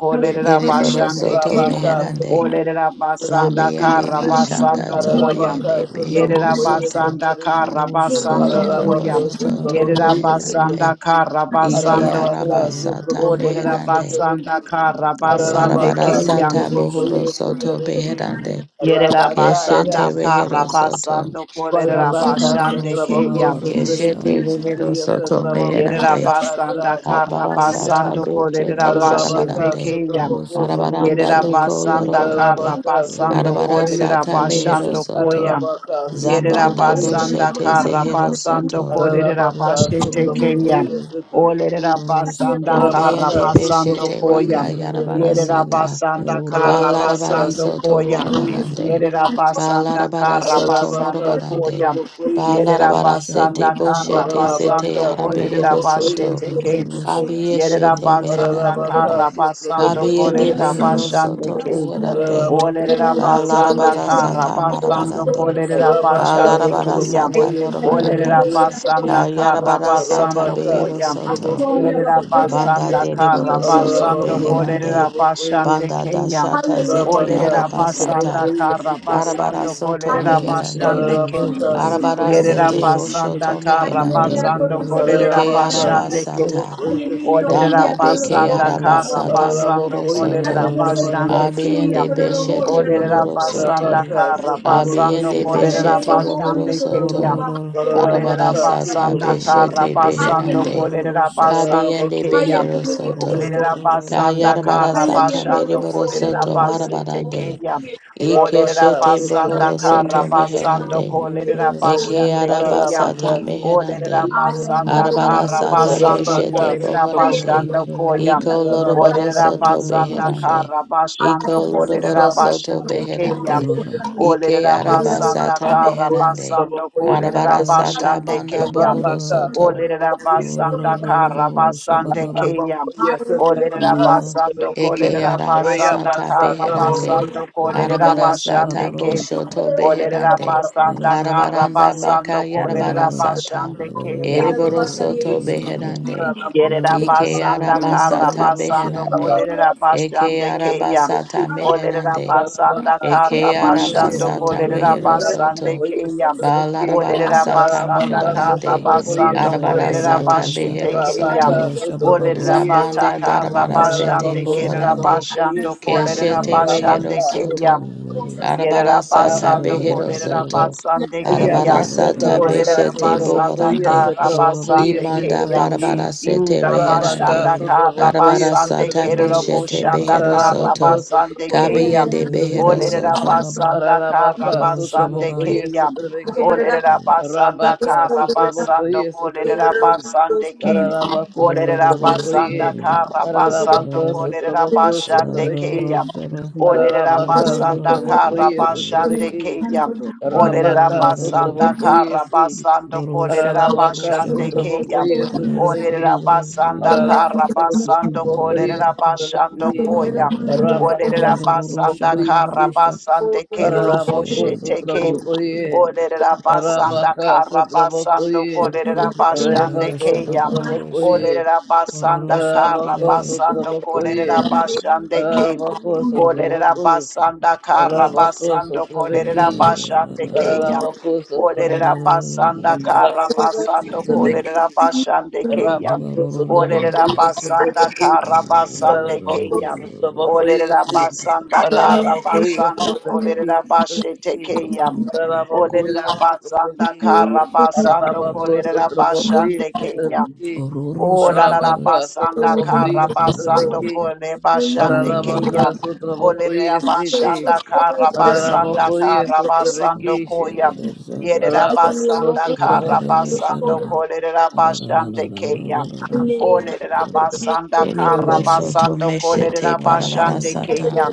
[laughs] kolerera Eriboro basande soto ke. and meherande. Olerera basanda Labiende kara um, mashata basando koya. provoke zobiende behero Yerera you, soto. basanda kara basando koya. Kolarabarasata Yerera basanda reherande. kara Ike basando ko. so arabasata Olerera meherande. basanda kara this basande keya. Larabarasata bohoro Rosha, soto beherande. Yerera Rabaka, Keshete yeah. basanda kara rehero soto. basando kolerera Rosha Parabaka Baba basande Rosha keya. Satrabako Baba Keshete Rosha, Satrabeki rehero Shitiya soto Satrabako Yerera meherande. basanda Yabasa kara Arabarasata Yamokuya basando bochete kolerera basete arabaka zarabarande. what keya. was Satrabako Arabaranda Rosha? Yerera Satrabeki doko basanda kara lorobarande. arabaka basando Satrabako kolerera Arabarasata Yesu mehero basando Rosha, soto. koya. arabaka and Yerera Zabanda Satrabako and Yesu basanda doshete and kara Trabeki zehero basando soto. What kolerera Ararabaka us, basete keya. Satrabako Yesu Olerera Trabeki but basanda Thank us, kara Abiende Rabaka basando beshete Satrabako raka one koya. Yesu Trabeki Yerera yarabarasata. basanda kara Balarabara Ararabaka basando soto koya. Satrabako Yesu marabarande. Yerera Trabeki basanda Balarabara kara soto basando Ararabaka morabarande. koya. Satrabako Yesu Yerera Balarabara sete basanda kara boshete zete basando Rabaka, Sutra kolerera arabehero Bokoye, soto. basete you. Yerera Kabiyeshete basanda meherande. kara basando Kabiyende soya, kolerera soya, behero basande soto soya, ke. soya. beherande. Olerera Everybody throw basanda Balarabara soya, kara sata soya, basando marabarande. soya, kolerera soya, basande soya. ke Balarabara ya. sata Everybody throw Olerera morabarande. soya, throw basanda soya, kara Kayarabara soya. sata basando behero koya. A soto. soya, baba, Yerera Sutra soya, Banda throw basanda soya, kara deriboro soya, soto basando of soya. us, beherande. kolerera basande Banda ke ya. dashata Hallelujah. zete baba, Olerera soya, arabasata. basanda throw soya. kara Arabara basando soto I had kolerera a meherande. soya, basande ke. Rosha, soya, Arabara soya, Yerera sete soya. basanda boshoto Beki, kara Hallelujah, meherande. basando baba, soya, kolerera Ike throw Ararabaka basande soya. ke. sutraboko arabasata. Hallelujah, yesutra. Olerera India, Danda throw beke basanda kara soya. arabasata basando Ararabako mohoro I kolerera soto. yesutrabaka basande keya. Abiende sutraboko. beshete Olerera rohoro basanda soto. Rabaka kara sutraboko basando Abiende yesutra. kolerera beshete rohoro basande keya. soto. Olerera Arabara Ararabaka sata basanda sutraboko kara beshete sutrabeki. basando beherande. kolerera basande Kabiende Ararabako keya. behero sutraboko. soto. Olerera basanda Kayarabara kara sata basando mereboro kolerera soto basete marabarande. keya. Olerera Rabaka Ikeshete Ora, basanda bohoro sutraboko kara soto yesu. basando meherande. kolerera Eke basande keya. Hallelujah. Ararabaka arabasata sutraboko I I I I I I Olerera meherande. yesutrabeki. basanda kara Arabarasata basando Rabaka beshete kolerera I am sutraboko am bohorande. basando yesu. koyam. Iko Ararabaka sutraboko loroboro Olerera soto basanda am beherande. kara yesutrabeki. I am the Iko basando person kolerera loroboro who Rabaka, is the soto basete road. keya. beherande. I am the road. Ike Olerera I basanda arabasata kara meherande. basando kolerera Arabarasata basande banda keya. bohoro am soto. Olerera the road. I am basanda kara basande keya. Olerera basando Eke kolerera arama basanda sata kara beherande. basando kolerera Arabara sata basande keyam. boshoto Olerera beherande. basanda kara Arabaranda baka basando kolerera yarabara Rorosha, sata. basande keya. Eriboro soto beherande. Yerera Ike basanda arama kara sata basando beherande. Hallelujah. kolerera Eke basande keya. arabasata Olerera meherande. basanda Ararabaka kara Eke basando sotrobokoyesi. arabasata kolerera rehero basande soto. Ararabokoyesi keya. trebeki. Balarabara Olerera sata basanda Ararabaka kara morobarande. basando sotrobokoyesi Arabara kolerera trebeki. sata basete behero keya. Arabaka soto. Olerera sotrobokoyesi. bata Zabanda kara darabara sete basande Ararabako kerera bohorande. basando sotrobokoyesi. kolerera Keshete rehero basande Rabaka, keya. soto. sotrobokoyesi. Yerera Arabara sata basando Ararabako behero kolerera soto. basande Ya keya. Arabara basta sata Olerera trabajar su beshete trabajo basanda y bohorande. ese kara trabajo y basande se Imanda keya. trabequi. barabara sete Ira reherande. Rabaca basanda su kara trabajo y Arabara se basande sata kerera trabequi. Rosha boshete Baba boshanda behero Edebede, Rabaco soto. su traboco that y is se Kabiyende Veroya behero trabequi. Baro Rosha soto. Baba, Yerabasando Ararabaka Rosha Kolerabasande Sutraboko Baba, yes Kenya. and Sutraveki. Olerabasanda Karabasande Kenya. Irabashanda Rabaka Sutraboko Karabasande Kerabushanda yes Sutraveki. Karabasande Kenya. Olerabasanda Karabasande Kenya. Ararabako Aurora Sutraboko Olerabasanda ye. Karabasando Kolerabasande Kenya. Olerabasanda Karabasando Ararabaka Yakanada. Sutraboko Kolerabasande Lavaro Kenya. Sutraveki. Rosha Olerera Ararabaka basanda Barara Sutraboko is kara yes basande Sutraveki. keya. Thank you. Olerera Rabaka Anana basanda Sutraboko kara yes. basando Borosha kolerera Baba Ararabaka Rosha Yes, basande Baba Sutraboko keya. sutra Olerera Sutraveki. you. basanda Savarosha kara Ararabako Thank basando Sutraboko sutra kolerera basando Sutraveki. koya. Rabaka Olerera Rosha basanda Sutraboko Baba kara si. basande kero Rosha Ararabako boshete keya. sutraboko ye. Olerera Rosha basanda Arabaka kara sutraboko basando ye. kolerera basande Arabako Nerorosha keya. sutraboko babarosha, ye. Olerera basanda ororosha kara Arabako babarege. basando sutraboko ye. kolerera Ororo basande keya. Arabako Bolerera sutraboko. basanda kara Arabako basando sutrabeki. kolerera bashande keya. Arabako sutraboko. Bolerera basanda kara Arabako basando sutrabeki. kolerera bashande keya. Rabaco, Bolerera Sotabacoia, basanda Sotabaqui, kara basande Rarabaco, keya. Bolerera Sotabacoia, basanda kara Rarabacoia, basando Sotabaqui, kolerera bashete Sotabaqui, keya. Bolerera Rarabacoia, basanda Sotabaqui, kara basando Rarabaco, kolerera Sotabacoia, bashande keya. Sotabaqui, O la shaba la la baba, Rabaca, basanda kara Sotabacoia, basando Ororo Sotabaqui, kole bashande Rarabaca, keya. Olera Sotabacoia, Sidi, basanda kara Shaba basanda Baba Rarabacoia, kara Sotabaqui, basando koya. Shidi, Yere Yerera Rabaco, basanda kara Sotabacoia, basando kolera bashande keya. Olera basanda kara Deliburo soto basando kolera meshete barabara bashande sata. keya.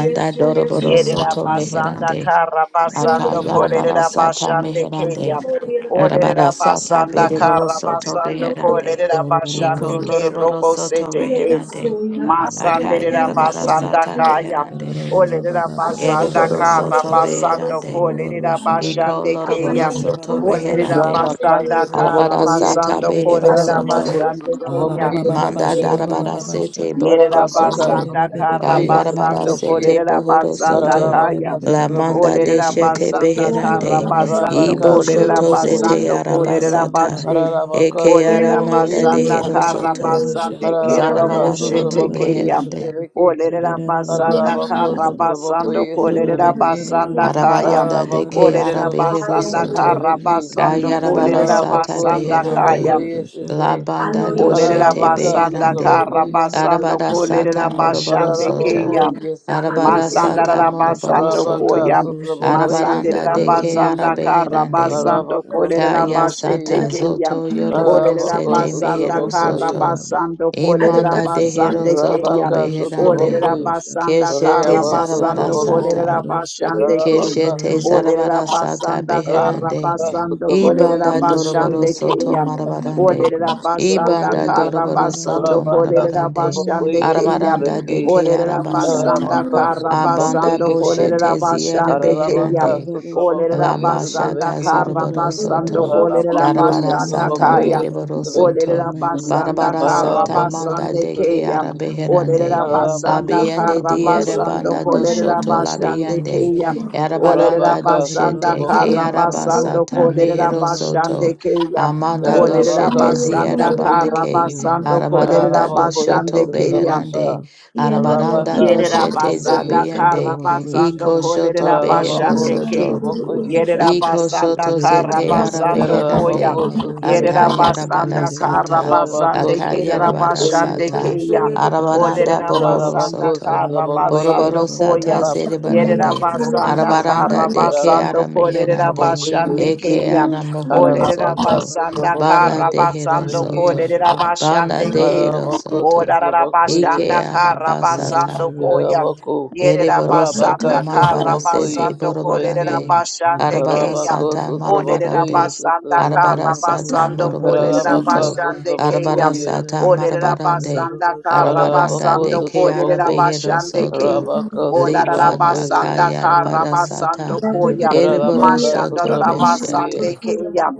yes, doroboro Yerera soto basanda meherande. kara basando Akayarabara kolerera sata basande meherande. keya. yes. Arabara Olerera sata basanda beriboro kara soto basando Yani beherande. kolerera basande Iko ke loroboro robo soto sete ke. reherande. Masanderera Akayarabara Shaba, basanda sata kaya. meherande. Karororo Olerera baba baba basanda Ereboro raba kara soto Rosha, basando beherande. Orova kolerera Rosha Bella, Iko basande loroboro keya. Marosha Baba soto Olerera Barosha, reherande. Rabaka basanda Orosha kara Arabara Baba Sotrabokoye, sata Rosha basando Bebe Baba kolerera Rosha, Rabako basande Ababa keya. Sotrabokoye Baba Baba Manda Shaba Baba Sotrabeki, darabara Baba sete Shab, Yerera bohoro Rabaka soto. Ididid basanda kara Sotrabokoye basando Rosha, Sotrabeki, kolerera basanda Ididid Baba Rosha Irere Bebe kaya. Rabaka bebe La bebe manda de Sotrabokoye Olerera rosha. shete Sotrabeki, basanda Baba kara beherande. barosha basando bebe Ibo Rabaka bebe kolerera shoto Rosha, zete Sotrabokoye basando Sotrabeki, kolerera Narada Baba arabasata. Baba bashi. Rosha, Rabaka Eke Olerera Sotrabokoye aramanda Ididid de basanda Bebe bebe kara Sotrabeki, soto. Rosha, basande kerero Rabaka Zarabara Ora Baba soto boshete baba Sotrabokoye keya. Rosha, beherande. Sotrabeki, Olerera Orosha basanda Rabako kara basando Sotrabokoye kolerera Sotrabeki, basanda kaya. Arabaranda de Rabako ke Olerera arabehero Sotrabokoye basanda Hallelujah. soto. kara Sotrabeki, basando Kayarabara kolerera sata Ararabako basanda sotrabako you. beherande. kaya. yesete. La banda Hallelujah. Olerera doshete Ararabaka basanda Thank beherande. sotrabako kara basando Arabara yesetrabeki. kolerera sata moroboro bashande Ararabako soto. keya. Arabara yesetrabeki. sata Masandara moroboro basando Arabaka soto. koya. sotrabako Arabaranda Masandera de ke yesetrabeki. basanda kara arabeherande. basando Arabako kolera Kaya sotrabako ye. basete sata keya. zoto yoroboro Olera Arabako sete basanda mehero sotrabako kara ye. soto. basando kolera Imanda dehero basande soto keya. Arabaka Baba beherande. sotrabako Olera ye. Barosha, basanda Keshete kara Arabaka Rosa zarabara basando sotrabako. kolera sata. Barosha, basande keya. Arabaka Keshete Rosa, sotrabako. Olera zarabara sata basanda kara And beherande. Arabaka basando kolera sotabokoye Ibanda Rosha doroboro basande sotabeki. soto keya. marabarande. Arabaka Olera basanda Ibanda sotabokoye. kara doroboro soto basando Arabaka kolera marabarande. basande sotabokoye keya. Arabaranda sotabeki. de ke Olerera basanda arabasata. Arabaka kara Abanda basando sotabokoye si. boshete kolerera ziera basande keya. Arabaka beherande. Olerera sotabokoye Lamba basanda shata sotabeki. kara zoroboro basando soto. kolerera Arabako Darabara basanda sata kaya. sotabokoye beriboro sotabeki. soto. Olerera basanda Barabara kara sata Arabako manda basande de keya. sotabeki. keara beherande. Olerera basanda Arabako Abiende karra diere sotabokoye. basando banda do Baba kolerera shoto basande labiende. keya. Rosha, Olerera Yarabaranda Arabaka do basanda shete. Rosha kara sotabokoye. Thank Baba Keara Baba, basando you. basata kolerera mehero Rosha basande soto. keya. Amanda do Hallelujah. Ararosha Olerera Arabaka shete basanda ziera Babarosha bande sotabokoye kara ke. si. and basando kolerera Arabaranda do Ararosha Ararabakoye basande shoto keya. Satabaka, beherande. Ararosha Arabaranda Arabaka do Yerera shete Arara Satabakoye basanda kara zabiende. Satabeki, Ororosha basando Iko Ba shoto kolerera behero Ararabako basande Yirarosha ke. soto. Baba Satabakoye Yerera Babarosha Iko Satabeki, basanda shoto kara zete Yirarara ara Baba basando Baba koya. Yararabako Shaba meherande. Barosha Yerera Satabeki, Akayara basanda kara barasata. Yirarosha Baba Arabako basande Barosha Akayara kerera Ba Satabakoye, basande barasata. Barosha keya. Baba Barosha Arabaranda Olerera Bebera bohoro Ararabako basanda soto. kara Ararosha Satabakoye, Boroboro basando Baba sata koya. zere Barosha Arabaka Yerera barande. basanda Satabakoye, Ararosha Baba Arabaranda kara de ke Barosha basando ara Ararabako kolerera meherande. Russia, Satabakoye, basande Eke keya. ara mohoro Olerera Ararabaka soto. basanda Bana kara Satabakoye de hero basando Satabeki, soto. kolerera Bana basande de ke. hero Ararabako soto. Satabakoye, Ike Olarabasanda ara basata. Karabasando Koya. Yarabaku, Ereboro soto Yerabasanda Rabaka, marabara Sotraboko, sete yes, Karabasando at the Vicky, borobarande. Kolerabasande Arabara Kaya. Rabako, sata Sotraboko, marabarande. yes, at the Olerabasanda Vicky, Arabara sata Karabasando moroboro Rabaka, soto. Kolerabasande Kaya. Sotraboko, Arabara ye, sata marabarande. Olerabasanda Arabaranda Rabako, de Karabasando keara Sotraboko, behero Kolerabasande Kaya. soto. Rabaka, Sotraboko, Libana ye, Olarabasanda kayarabara Karabasando sata. Koya. Ereboro Rabaka, soto Sotraboko, ye, Mashandorabasande beshete. Kaya.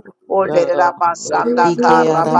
Help Yarabako, Olerabasanda Ike ara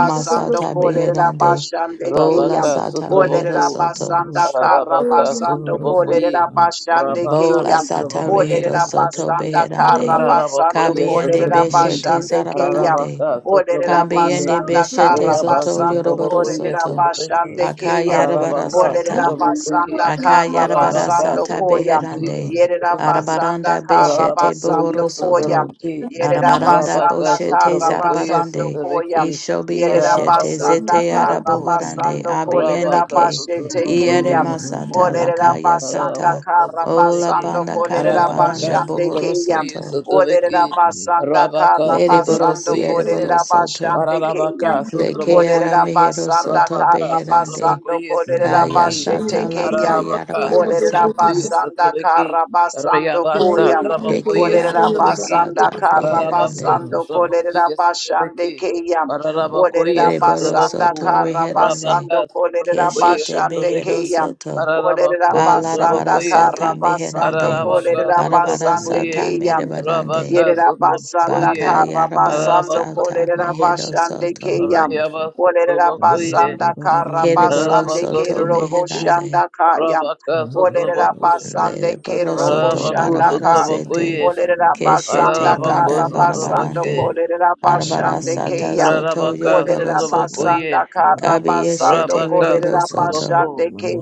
us masata out. beherande. Kolerabashande Bola Kaya. Rabaka sata rehero Sutraboku soto. Olerabasanda Rabaka Karabasando Sutrabokoye Kolerabashande Rabaka Bola Kaya. sata Sutrabokoye rehero soto Sutrabeki Olerabasanda beherande. Karabasando Rabakoye Kabiende Sutrabeki beshete Kolerabashande Kaya. zarabarande. Rabaka Sutrabokoye Kabiende Olerabasanda beshete Reaba zoto Karabasando yoroboro Sutrabokoye soto. Sutrabeki Kolerabashande Kaya. Akayarabara Rabaka Oh, sata. we Sutrabokoye Olerabasanda Akayarabara Rabaka Karabasando sata Koya. Sutrabokoye beherande. Sutrabeki Yerabasanda Arabaranda beshete Rabakoye bohoro Karabasando Koya. soto. Sutrabeki Arabaranda Rabaka Yerabasanda boshete Sutrabokoye Karabasando zarabarande. Koya. Sutrabeki Ishobi yeshete Rabako Yerabasanda zete Sutrabokoye arabohorande. Karabasando Abiende Rabaka ke. Kolerabashe sutra You get what bako you Iere do, Tekeya. yes. or Russia, masata Baba, lakaya Olerabasanda sata. Arabaka Ola Sutraveki, Karabasando banda kala baranda Arabaka Kolerabashande bohoro Keya. Sutravokui soto. Sutraveki, Olerabasanda Arabaka Lere Karabasando Sutravokui borosiere Sutraveki, borosoto. Kolerabashande Keya. Ararabaka Leke ara Sotrabokoye, mehero Olerabasanda soto Rabaka beherande. Karabasando Sotrabokoye Kaya Sotraveki, Kolerabashe sata Tekeya. lakaya Ararabaka arabara Orera sata. Sotrabokoye basanda Sotraveki, kara basando Rayabasa koya. Trabokoye Beke Orera ara Sotraveki, basanda masata kara Ararabako beherande. basando kolera Sotrabokoye basande Sotraveki, keya. Ararabakoye Orera Kereboro basanda Sotraboku, soto kara reherande. Rabaka basando kolera Sotrabokoye Keshete basande behero Sotraveki, keya. soto. Orera Kararabako basanda Balarabara sotrabokoyesi. kara sata basando meherande. Kararabaka kolera Rosha, Barabara basande sotrabokoye. sata keya. merebarande. Rabaka Yerera basanda sotrabokoye. Baka kara yarabara basando Kararabaka sata kolera sotraboko. mehero basande soto. keya. Rayaba Orera sotrabokoye. basanda kara Kereboro basande Kararabaka soto kero sotraboko. meherande. boshanda kaya. Rabaka Olerera sotraboko. basande ke Lereboro robo soto Kararabako barabara shandaka. sete. sotrabokoye. Olerera basanda Keshete Kararabako banda kara basando sotrabake. barabarande. kolerera Barabara basande ke sata ya. zoto Kararabaka yoroboro Olerera soto. sotrabokoye. basanda kara basando Kabiyeshete Rabaka Behero kolerera Soto. sotraboko. basande ke.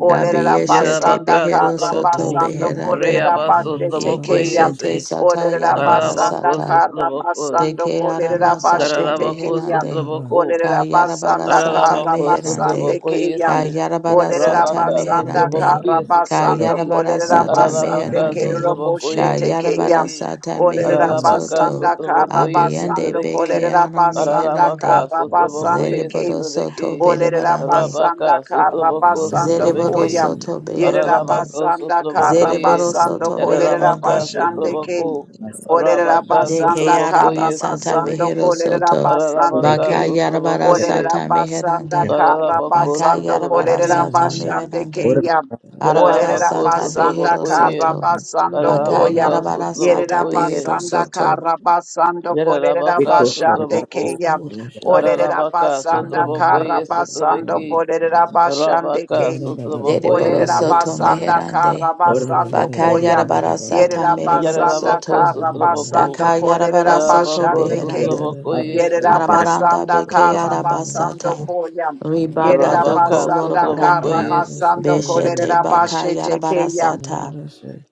Olerera Kabiyeshete Yarabaka basanda Behero kara Soto Sotraboku, basando Beherande. kolerera Reaba basete Sotraboku, ke ya. Ikeshete Yesi, Sata Olerera Yarabara Karabako basanda Sata. kara Sotraboku, basando Deke kolerera Arama Sata basete ke Karabako ya. Beherande. Sotraboku, Olerera Kayarabara basanda Sata kara Ararabako basande Meherande. Sometimes sotrabako ke ya. yese. Kayarabara Olerera Sata Rabaka basanda sotrabako Meherande. kara yese Ora basando trebeki. Kayarabara kolerera Sata basande Ararabaka Meherande. kerero sotrabako boshete yese keya. Kayarabara trebeki. Sata Olerera Mehero Ararabaka Soto. basanda sotrabako kara yese basando Abiyande trebeki. Beke kolerera Ara basanda Ararabaka Meherande. kara sotrabako basande yese ke. Zereboro Soto trebeki. Olerera Berebarande. Rabaka basanda kara sotrabako basando Zereboro sotrabeki. koya. soto Yerera beherande. Ararabaka basanda sotrabako kara ye. Zereboro basando soto kolerera Ararabaka meherande. basande ke. sotrabako. Olerera Rabaka De basanda sotrabako keara kara yese basata basando mehero trebeki. kolerera soto. basande Ararabaka Baka ke. yarabara sotrabako ye. Olerera sata basanda meherande. kara Baka basando yarabara kolerera Karalabakosotlabakesi. sata basande ke meherande. ya. Arabara Olerera sata basanda behero Karalabakosotlavakoye. kara soto. basando Baka koya. yarabara sata Yerera Karalabakasotlavakoye. behero basanda soto. kara basando kolerera basande Yararabakasotlavaku. ke ya. Olerera basanda kara Ararabakasotlavakoye basando sotlabaki. kolerera bashande king. Baba, Zereboro Olerera Rabakasotlavakoyesi. soto Baba, basanda meherande. kara basando Baka koya. yarabara sata Yerera mereboro basanda soto. kara Yararabakosotlavaku. basando Daka kolerera yarabara soto bashande king. beherande. Karalabakosotlavakoyesi. Yerera Arabaranda basanda beke kara basando arabasata. koya. Ribanda Yerera doko basanda kara lorobarande. Rabakasotlavakoyesi. basando Beshete kolerera baka bashete keya. yarabarasata.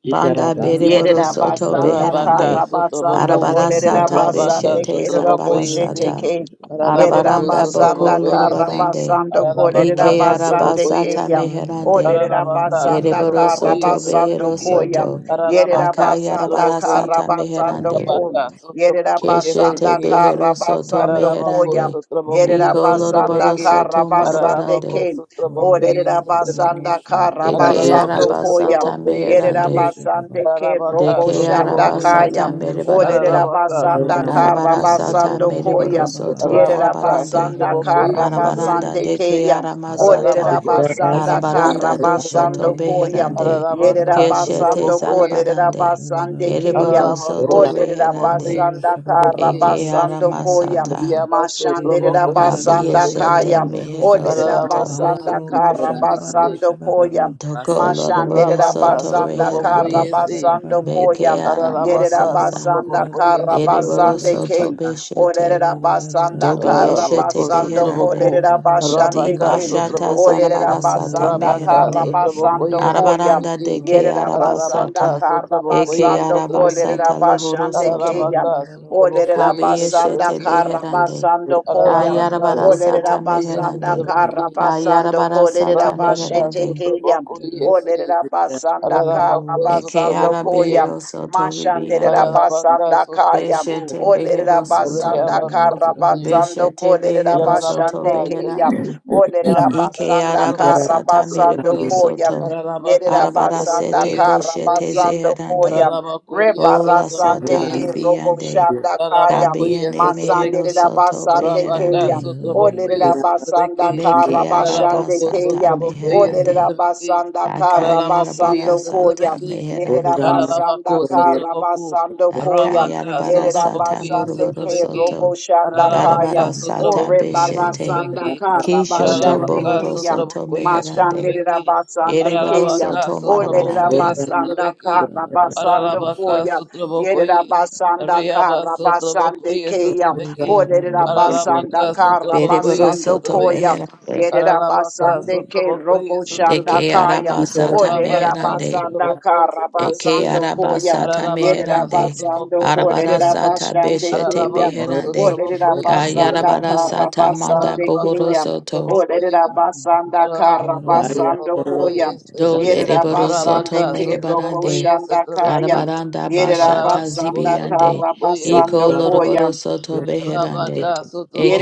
Banda Yerera bereborosoto basanda Rabaka kara beherande. basando Sotraboku, kolerera Arabarasata Rabaka basande beshete kerera Sotraboko boshete Yesi, sarabarasata. ke. Yerera Paralabaku Arabaranda basanda boko Sotraboko kara Yesi, lorobarande. basando kolerera Paralabaka Ike basande Sotraboko arabasata Yesi, keya. meherande. Olerera Paralabaka basanda Sotraboko kara Ereborosoto Yesi, basando koya. beherosoto. Yerera Aka Paralabaka basanda Sotraboko Ye, kara yarabarasata basando meherande. ko. Rabaka Yerera Sotraboko Yesi, Keshete basanda Yesi, kara behero soto basando Paralabako koya. meherande. Sotraboko Yerera Iko Orosha, Yesi, re re re loroboro basanda Trebeki, re kara ba soto ba rosha. basande Paralabako marabarande. ke. Sotraboko Olerera Orobe Yesi, zero basanda Trebeki, rosha kara ba. Eke basando Paralabako koya. arabasata Sotraboko meherande. Yesi, Orosha ba ba. Yerabasande ke Kararabaka robo Deke shanda sotraboko arabasata kaya. yesi. Orororororororosha. merebarande. Kararabaka Oderabasanda Orororosha sotraboko ba ba ba yesi Arabarasata rosha. karabasando trebeki. koya. mereboro soto Rabaka barabarande. Yerabasanda sotraboko yesi Orororororororosha. Arabaranda trebeki karabasande deke yesi. keya. Baba aramasata. Kararabako Oderabasanda sotraboko Arabaranda yesi doshoto trebeki. karabasando koya. beherande. Kararabaka Keshete Yerabasando sotraboko ko yesi. zarabarande. lerabasande keya. Kereboro Kararabako soto sotraboko reherande. yesi Oderabasanda trebeki. Eke karabasando koya. aramasata. Riyaba sotraboko yesi Mashanderabasanda trebeki. Abiyeshete kaya. mehero soto. Kararabako Oderabasanda sotrabeki yesi. karabasando koya. Doko loroboro Mashandera Rabaka soto basanda sotraboko kara reherande. yesi. basando Beke koya. Ararabaka Yerera aramasasa. basanda sutraboko kara Ereboro basande soto ke. yesutrabekeshete. beshete. Orera basanda Dobi kara Araraboko yeshete basando sutraboko. beherande. korera Di basande Rabaka ke. bashata sutraboko ye. Orera not zarabarasata basanda a Rabaka kara meherande. sutraboko basando koya. Arabaranda yesutrabeki. deke Yerera Ararabaka basanda arabasata. kara sutraboko Eke basando yesutrabeki. korera arabasata lohoro basande ke soto. ya. Ararabaka sutraboko Orera basanda Kabiyeshete kara yesutrabekeshete. beherande. basando koya. Ararabaka Kayarabarasata Orera sutraboko basanda meherande. yesutrabeki. kara basando Kayarabarasata korera Rabaka meherande. basete ke sutraboko yesi. Olerera basanda kara Ararabako basando Ekeara sutraboko ye. koya. behero soto Mashanderera ribiande. Ararabaka basanda kaya. sutraboko. Beshete Olerera behero soto. basanda Reabako kara Suti, basando Beshete kolerera behero soto bashande Yarabaka, keya. Yasu, beherande. Olerera Rabaka, basanda Ikeara Sutrabuku, kara basata basando mereboro Sutrabeki, koya. soto. Yerera Yarabaka, Arabara Sutrabuku, basanda sete kara boshete Sutrabeki, basando koya. zeherande. Arabaku, Ola Rebarasande sata ke Yasatrabuku, robo libiande. shanda kaya. Ararabakoye Kabiene mehero Masandere sotrabeke, da soto basande Rabaka keya. beherande. Olere sotrabokoye da sotrabeke, basanda kara Mekeara basande Ararabako basata keya. sotrabokoye Olere da meherande. sotrabeke, basanda kara Akayara Ararabakoye basando koya. barasata sotrabeke, Yere da meherande. Ararabako basanda kara sotraboko, basando koya. Rabaka Akayara Yere da barasata sotrabokoye basande moroboro ke Shaba, sotrabeke, soto. robo shanda Oro Ararabaka kaya. Darabara Sham, Sata Ore sotrabokoye Beshete Rorosha, barasanda sotrabeke, kara Kishoto Rorosha, basande Ararabaka Bohoro keya. Soto sotrabokoye Meherande Mashandere sotrabeke, Ereboro Tekeya, Ararabaka Soto Olera Rorosha, sotrabokoye Marabarande Basanda sotrabeke, Kara Basando Ararabaka Koya, Yerera sotrabokoye, Basanda Riaba Kara Basande Sotrabokoye Keya, Sotraveki, Olera Araramaka Basanda Kara Sotrabokoye Bereboro Basando Soto Koya, Sotraveki, Meherande Yerera Araramaka Basande Ke Sotrabokoye Robo Shanda Eke Sotraveki, Kaya, Arabasata Olera Rabaka Meherande Basanda Sotraboko Kara Eke Sotraveki, Basando Koya, Arabasata Araramaka Yerera Meherande Sotraboko Basando Arabara Kolera Sotraveki, Sata Basande Beshete Keya, Araramako Beherande Olerera Sotrabokoye basanda Kayarabara Sotraveki, kara Sata Manda basande Araramaka Bohoro keya. Soto Sotrabokoye, Olerera basanda kara Araramako Aya, basando Rama, koya. Sotrabokoye, Dole Yerera Reboro Soto Rabaka basande ke robo Merebarande Sotrabokoye shanda kaya. Sotraveki, Arabaranda Yerera bashata Arabako basanda zibiande. kara sotomoko Iko basando yesotomeki. koya. loroboro soto beherande. Arabaka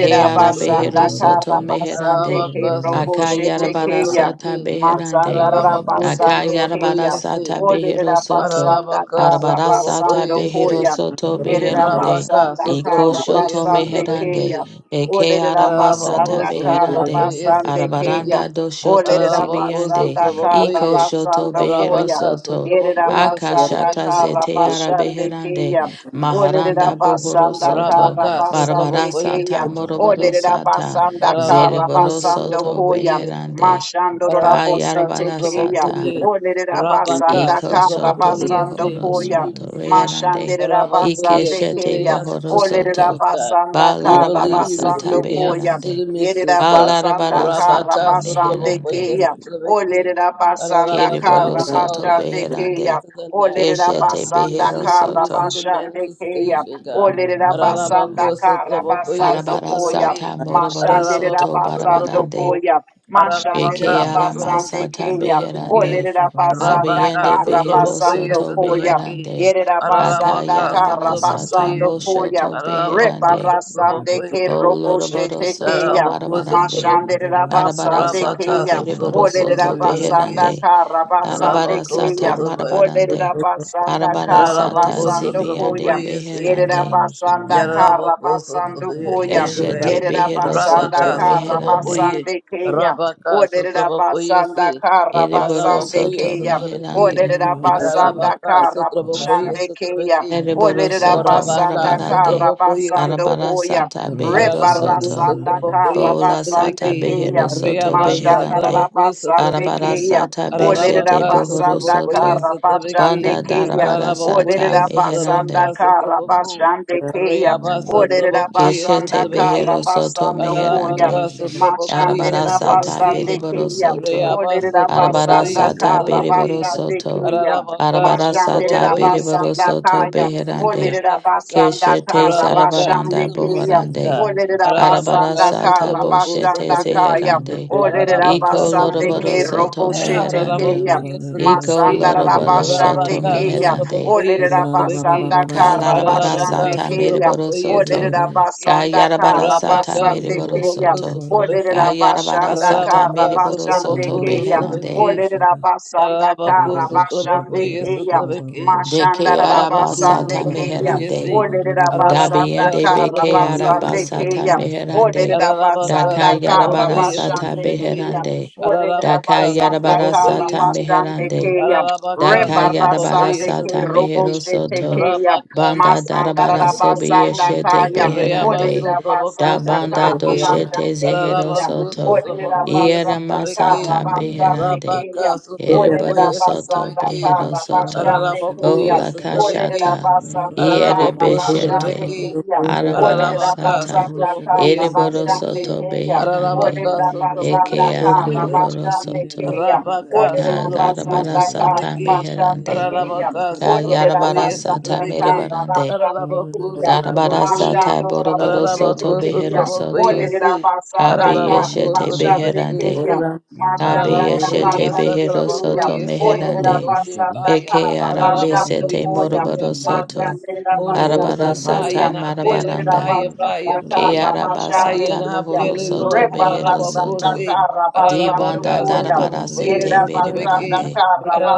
Oh, Rorosha, arabehero sotomeki. soto Rorosha, Karabasande meherande. Arabaka Ke Robo sotomoko Akayarabara Shetekeya. sotomeki. sata you. beherande. Matsanda Thank Arabako Rabasande sotomoko Akayarabara Keya. yesi. sata behero soto. Olerabasanda Arabaka Arabara sotomoko sata Karabasando yesi. behero Koya. soto Thank beherande. Arabaka Yerabasanda Iko sotomoko shoto Karabasande yesotomeki. meherande. Keya. Eke Arabako aramasata Olerabasanda sotomoko beherande. Karabasande Keya. yesotomeki. Arabaranda do shoto Arabako zibiande. Olerabasanda sotomoko Iko ye. shoto Karabasando behero Koya. Arabaka soto. sotomoko Yerabasanda Akashata yesotomeki. zete Karabasande arabeherande. Keya. Olerera Maharanda bohoro basanda soto. kara Rabaka, basande Barabara Sotrabokoye, keya. sata Sotrabeki, morobaro Olerera sata. basanda kara Paralabako, Zereboro basando soto koya. Sotrabokoye, beherande. Mashando rabose Rabaka Kayarabara tekeya. sata. Sotrabokoye, Olerera basanda Rabaka Iko kara soto Sotrabokoye, basando say, bohoro believe koya. you soto receive. reherande. Mashandera Ike Rabakoye, basande say shete the keya. answers bohoro to the Olerera soto. mysteries, God. basanda Ba We kara larabara believe you sata basando receive the koya. answers to beherande. the Yerera mysteries, Ba God. you. basanda larabara kara sata Rabaka basande Atlanta, Sotrabokoye, meherande. keya. Atlanta, Sotrabeki. Yellow Olerera basanda Rabaka, Keriboro kara we soto call out the basande spirit keya. beherande. into the natural, Olerera God. Keshete To basanda see behero that we kara will see soto. the basande keya. manifestation, God. Thank Olerera basanda Rabako you. kara Sotrabokoye, basando Arabara koya. sata Sotrabeki. moroboro Mashanderera soto Rabako basando barabarande. Sotraboko. koya. Ararabaka Eke Mashanderera arama basande sutrabokoye sata keya. sutrabeki. beherande. Olerera basanda Rabaka Abiende kara Behero sutrabokoye basando Soto koya. sutrabeki. Beherande. Yerera basanda Yerabasanda Ararabaka Akayarabara Sata sutrabokoye. Karabasando Moshoto Koya, Ararabako Beherande. Rebarasande Ke sutrabokoye. Roko Boloroboro Soto Shetekeya, Ararabako Marabarande. sutraboko. Mashande rera Arabara basande Rabaka Sata Keya, Beriboro sutraboko Olerera Soto basanda sutrabeki. Beherande. kara basande Arabara Rabako Sata Keya, sutrabokoye. Olerera Marabarande. basanda Olerabasanda Arabara Sata Ararabako Karabasando Shaba, Zibiande Koya, sutrabokoye si. Beherande. Yerabasanda Yarabako Karabasando Sotrabokoye, Koya, Keshete Yerera Behero basanda Soto Rabaka kara Beherande. Sotrabokoye, basande Keya, Rabaka Olerera Sotrabokoye, basanda see, kara Eriboro basande Arabakoye Soto Keya, Meherande. Sotrabeki, Olerera basanda Arabaka kara Sotrabokoye bashande keya. Sotrabeki, Eriboro Olerera soto basanda Orabaka, kara marabarande Sotrobokoye, basando arabara koya. Sotrobeki, sata behero Rebara Ararabaku, soto sanda kara Sotrobokoye, bola basande sata Sotrobeki, keya. behero soto Reabasa, Mashandara beherande Trabokoye, basande arabara Sotrobeki, keya. sata Olerera beshete Ararabaka, ra-ra-ra-shaba, bohoro basanda Sotrobokoye, soto kara bashande Sotrobeki, banda keya. darabara sata Ararabakuye, Olerera basanda meherande Sotroboka, kara Sotroboku, bashande keya. Reabasa, Olerera Trabokoye, basanda keshete kara behero Sotrobeki, soto basando koya. meherande Ararabaka, Sotrobokoye, Arabara Mashandera sata basande Sotrobeki, beriboro keya. soto. Olerera Shaba Reabasa, Arabara basanda Trabokoye, sata kara beriboro Sotrobeki, basande soto. keya. Rabaka Arabara sata Mashandera Sotabokoye say beriboro basanda we soto believe we kaya. receive your beherande. Olerera answers, God. basanda Keshete kara Rabaka to basande sarabaranda the keya. mysteries, boharande. God. Olerera Arabara basanda Rabaka sata kara Sotaboko boshete basanda kaya. Sotabeki. zeherande. Olerera Rabaka Iko basande Sotaboko. ke loroboro robo soto shete meherande. keya. Rabaka Iko Sotabeki. Masandara loroboro basande soto Rabaka keya. meherande. Sotaboko Olerera Sotabeki. basanda kara Kalarabara basande Rabaka sata keya. meriboro Sotaboko soto. Oderera Sotabeki. basanda Kayarabara kara sata Rabaka basande meriboro Sotaboko keya. soto. Oderera Sotabeki. Kayarabara basanda sata kara Rabaka meriboro basande soto Sotaboko keya. beherande. Sotabeki. [coughs] Oderera basanda Tarabaku kara sutrabaku basande keya. yesutrabeki. Mashanda Deke rara araba Tarabaku basande sata sutrabaku keya. yesi. meherande. Oderera basanda Ararabaka Dabiende kara beke sutrabaku araba basande sata yesutrabeki. keya. meherande. Oderera Ararabaka basanda Daka kara sutrabaku yarabara Orosha sata basande yesutrabeki. keya. beherande. Ararabaka Daka yarabara sutrabaku sata yesi. meherande. Orerabasandakarabasandekeya. Ararabaka sutrabaku Dakayarabara Rebarasandeke sata yesutrabeki. mehero soto. roboshetekeya. Rabaka Banda sutrabaku darabara sobi sutrabaku. yeshete Masandarabasandakaya. Rayaba beherande. Da sutrabaku banda sutrabeki. doshete zehero Orerabasandakarabasandekeya. Ararabaku soto. sutrabaku Iera yesutrabeki. masata beherande. Rabaka Orerabasandakarabasandekeya. Ereboro Sotrabokoye soto Sotrabeki, behero soto. O Pararabokoye la Sotrabeki, kashata. Iere Pararaboko beshete. Sotrabeki, Orerabasandakarabasandekeya. Orerabasandakarabasandekeya. Arabara Pararabaka sata. Sotrabokoye Ereboro Sotrabeki, soto Orerabasandakarabasandekeya. beherande. Pararabaka Orera basanda Eke Sotrabokoye ara kara mohoro Sotrabeki, Shut basande you. soto. keya. Rabaka Orera Sotraboko Kadarabara basanda kara sata Sotrabeki, basande beherande. keya. Pararabaka Da Orera yarabara Sotrabokoye sata basanda Sotrabeki, kara merebarande. basande Pararaboko keya. Darabara Ramasu Sotrabokoye, sata Mashando boroboro rabose Pararaboko soto tekeya. behero soto. Orera Sotrabokoye, basanda Kabe kara Pararaboko yeshete basande beherande. keya. Sotrabeki, Kabe Mashanda Ararabako, yeshete yes, basande behero Atarabako, keya. soto yes, Holy Orera meherande. Ghost in basanda fire. ka Eke arabe Ararabako, basando sete yes, koya. moroboro baptize soto. us, Mashanda Holy Ghost basande Darabara in fire keya. sata in our belly, Orera marabaranda. fire, basanda fire, kara Ke fire, araba fire basande in sata our keya. mohoro belly, soto Lord. behero Ararabako, Rebarasanda soto. say, Di Karabasando banda Ararabaka, Koyam. darabara Sotrabako, sete yes, Yerida Basanda Atrabeke, berebarande.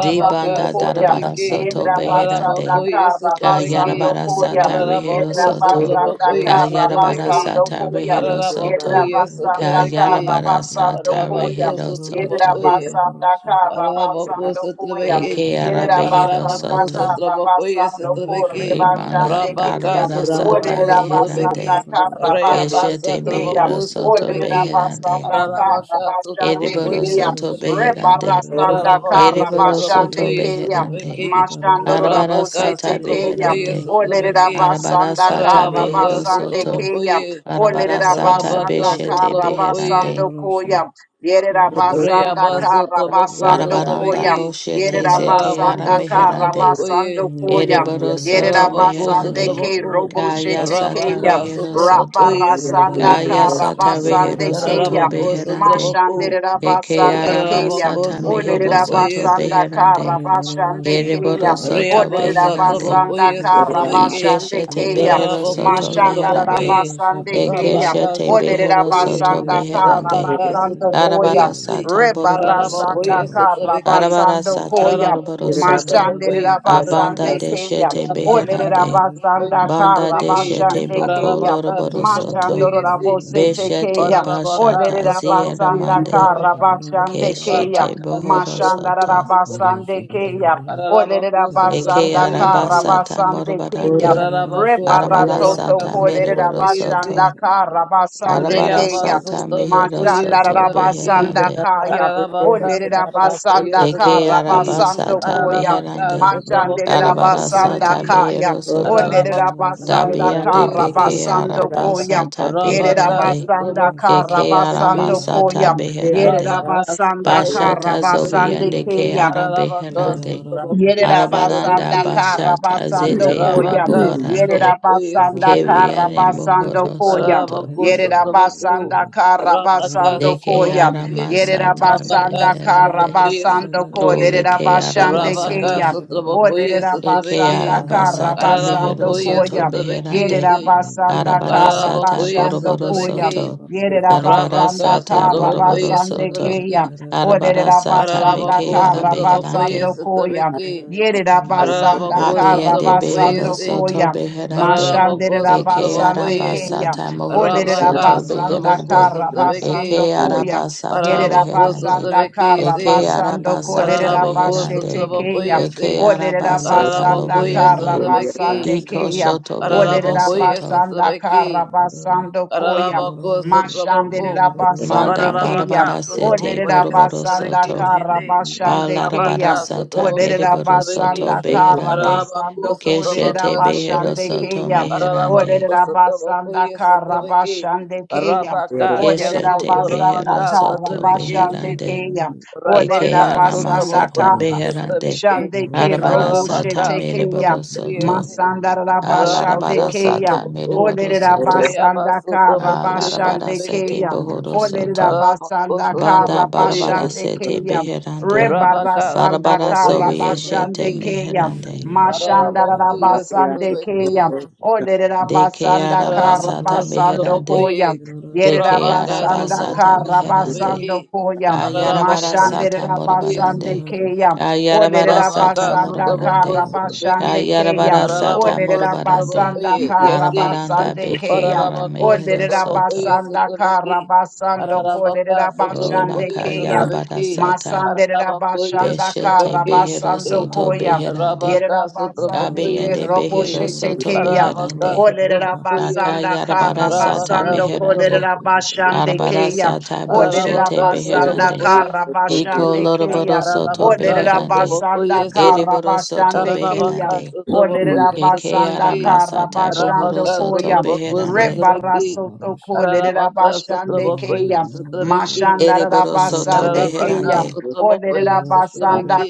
Di banda Koyam. darabara Sotrabeke, soto Yerida beherande. Basanda Ararabako, yes, Karabasando Kayarabara Koyam. sata rehero Yerida Ararabako, soto. Sotrabako, Basanda yes, Kayarabara Karabasando sata Koyam. rehero Ararabako, Yerida soto. yes, Basanda Kayarabara Karabasando sata Arabako Koyam. rehero Yerida soto. Sotrabokoye, Basanda Russia, Arabako Karabasando Koyam. Sotrabeke, Eke ara Yerida behero Basanda Arabako soto. Sotrabokoye Karabasando Sotrabeke, Rimana Korebashande Rabaka Kiyam. tarabara sata Sotraboko Olerera basanda beherande. Sotrabeke, karra basande Keshete Reabasa keya. behero Traboko soto Olerera Sotrabeke, beherande. basanda karra Arabaka basande Eriboro Sotrabokoye keya. soto Sotrabeke, beherande. Rebarasanda Arabako karra Eriboro basande soto Sotrabokoye keya. beherande. Sotrabeke, Mashandorora Arabara Rabaka bosete sata keya. Sotrabokoye beherande. Olerera Sotrabeke, Arabara basanda sata karra Arabaka behero basande soto. keya. Sotrabokoye, Arabara Olerera sata basanda Rabaka beshete karra Sotrabokoye, basando beherande. koya. Yerera Ora basanda karra basando Arabaranda koya. Reabasotlabocosotlabeki. boshete Yerera zete ara basanda karra meherande. Ararabocosotrabocoye. basando koya. Ereboro soto Yerabasande meherande. ke Ararabocosotraboco. robo Kaya shete sata keya. rehero soto. Rabacasotrabocoye Rabarasanda sotlabeki. Kaya sata karabasande rehero soto keya. beherande. Ararabocosotraboco. Mashande Eke rabasande araba keya. Because sata you're mehero gonna soto do, Ararabocosotrabocoye. Olerabasanda beherande. you're gonna have a karabashande keya. Ereboro soto Reabasa beherande. Olerabasanda Trabokoye Sutraveke karabashande Ikeshete keya. behero Karaboko soto Mashanda meherande. Sutravokoye rabasande keya. Rabaka Ekeshete behero Sutravokoye soto Olerabasanda beherande. Rabaka karabasando koya. Sutravokoye Arabara mind. Si sata boroboro Ba-da-da-da-sha, Rebarasanda Karabokoye soto. ba-ba-ba-da-sha. Sutraveke Arabara karabasando Hey, sata koya. moroboro Karaboko soto. Mashandera Sutravokoye na-na-na-na-na-na-na-na-na-na-na-na. Abanda basande Sutraveke de keya, shete Rabaka olerera beherande. Ba-da-da-da-da-da-sha, Sutravokoye ba- basanda Banda kara de Sutraveke shete ba-da-da-da-sha, basande ba- ba-da-da-da-da-da-da-da-da-da-da-da-da-da-da. boko keya, Karabaka loroboro soto. Sutravokoye mashandora Si bosete Beshete keya, Ararabaka bashata olerera sotrabokoye basanda zieramande. kara sotrabeki. Ba-da-da-da-da-sha, basande ba-ba. keya, Keshete Rabaka bohoro sotrabokoye mashandara soto. sotrabeki. basande Ba-da-da-da-sha, keya, ba-ba-da-da-da. Ararabako olerera Shabba Eke basanda sotrabokoye kara si. arabasata basande keya. morobarande. Ararabako Arabara sotrabaka Rebarasoto sata kolerera meriboro sotrabokoye si. bashanda soto. ka rabasande Arabara Reyaba sata mehero sotrabokoye Mashanda soto sotrabeki. rabasanda beherande. kaya. Ararabaka Olerera sotrabokoye basanda ka Eke sotrabeki. rabasando arabasata koya. Ararabaka meherande. Mashanderera sotrabokoye Arabara rabasanda sata sotrabeki. kaya. behero soto. Olerera Ararabako basanda ka Dabiende sotrabokoye si. beke rabasando Thank koya. arabasata Yerera Rabaka beherande. basanda Sotoboko ka Eke rabasando Sotobeki aramasata koya. Yerera beherande. Rabaka basanda ka Sotoboko Bashata rabasande Sotobeki zobiende ke ara Rabaka beherande. Sotoboko Yerera Arabaranda basanda Yerabasanda Sotobeki bashata Karabasando zete Koya. Rabaka Shaba arabohorande. Sotoboko Yerabasanda Keviene Sotobeki Karabasando mohoro Koya. soto. Rabako Sotoboko Yerabasanda Rabaka Karabasando Deke Koya. Sotoboko aramasata Rabaka Yerabasanda beherande. Sotoboko Karabasando Sotobeki Ole Koya. ke basande Rabaka Kaya. arabasata. Sotoboko Olerera Eke Sotobeki basanda kara arabasata mehero basando Rabako soto koya. beherande. Yerera Sotobeki basanda Arabara kara sata Arabakoi basando boroboro koya. Satabeki, soto. Yerera Arabara basanda Rabaka sata kara boroboro Satabakoi basande soto. keya. Satabeki, Arabara Olerera sata basanda meke Arabako ara kara Satabakoi basando beherande. koya. Satabeki, Yerera basanda Arabako kara Abiende Satabakoi behero basando Se, soto koya. Shaba, beherande. Arabako Mashandera Eke basande araba Satabakoi, keya. sata mohoro Orderera Rabaka soto basanda Satabako beherande. kara Satabeki, basando Eke koya. araba sata Yerera Arabako reherande. basanda Satabeki kara Eke Se, basando araba sata kolerera Arabako bashete reherande. keya. Satabakoi Eke Se, araba Orderera sata basanda Arabakoi kara lobiande. Satabeki, basande Iko keya. shoto behero Orderera Arabakoi soto. basanda Satabeki, kara basando koya. Ararabako sotraboko. Mashandera Manda basande keya. Ararabaka barabara sete sotraboko Olerera ye boroboro basanda sotrabeki soto. kara shite. basande keya. Arabaka Balarabara sata sotraboko Olerera beriboro sotrabeki. basanda soto kara beherande. Ararabako basando kolerera sotrabaka Keshete behero basande sotrabeki. soto keya. meherande. Ararabako Olerera sotraboko basanda ye kara sotrabeki. basande keya. Arabaka yaso Olerera Keshete basanda torabaka behero kara soto sotrabeki basande shite. beherande. keya. Eke Olerera Arabaka arama basanda sotraboko sata ye Horrorus. beherande. sotrabeki. Shande ke Horror Arabara robo Shababa. sata Ararabaka shete ke ya. meriboro sotraboko Shabba, ye soto. se. Masanda raba Ararabako shande Alarabara ke ya. sata sotraboko. meriboro Olere raba soto. Raya sanda basu ka tabaku raba yesu you. shande Alarabara ke sete tabeki. ya. bohoro Olere soto. raba Arabaku sanda su ka Banda tabaku raba barabara yesu. shande ke sete ya. beherande. Reba Rabaka, rasanda Barabara ka Sotomoko, raba sobiye shande shete Sotomeki, ke ya. meherande. Mashanda rabasande keya. Olere Deke rabasanda arabasata karabasando meherande. koya. Yere Deke rabasanda arabasata meherande. karabasando koya. Kayarabara Mashande sata rabasande morobarande. keya. Olere Kayarabara sata rabasanda morobarande. karabasande keya. Kayarabara sata Olere Ararabako, morobarande. Sotomoko, rabasanda yesi Arabaranda karabasande beke keya. ara Ararabako Olere mehero soto. sotrobokoye rabasanda sotrobeki. karabasando kolere Ararabaka Ola rabasande sotrobokoye keya. kayarabara sotrobeki. sata. Masandere Ararabakoye rabashanda Beshete sotrobeki behero karabasando shite. soto koya. beherande. Arabaka Yerabasande ke Shabba, sotrobokoye Kabiyende sete. behero roboshete soto ke ya. Ararabaka beherande. sotrobokoye. Olerabasanda Akayarabara sata Arabaka karabasando meherande. sotrobokoye kolerabashande ke Arabara sotrobeki. ya. sata boshete Ararabaka Olerabasanda beherande. sotrobokoye sotrobeki. Iko karabashande ke ya. loroboro soto Ararabaka beherande. Olerabasanda sotrobokoye se. Ereboro soto karabashande ke ya. Ararabaka beherande. sotrabokoye Eke Olerabasanda sotrabeki. arama sata bohoro karabashando Ararabaka soto koya. sotraboko beherande. sotrabeki. Rebarasoto Korea Ararabaka Bashande sotrabokoye Kaya sotrabeki. Mashandara Ereboro soto Basande Ararabaka Kaya beherande. sotrabokoye Orera Basanda sotrabeki.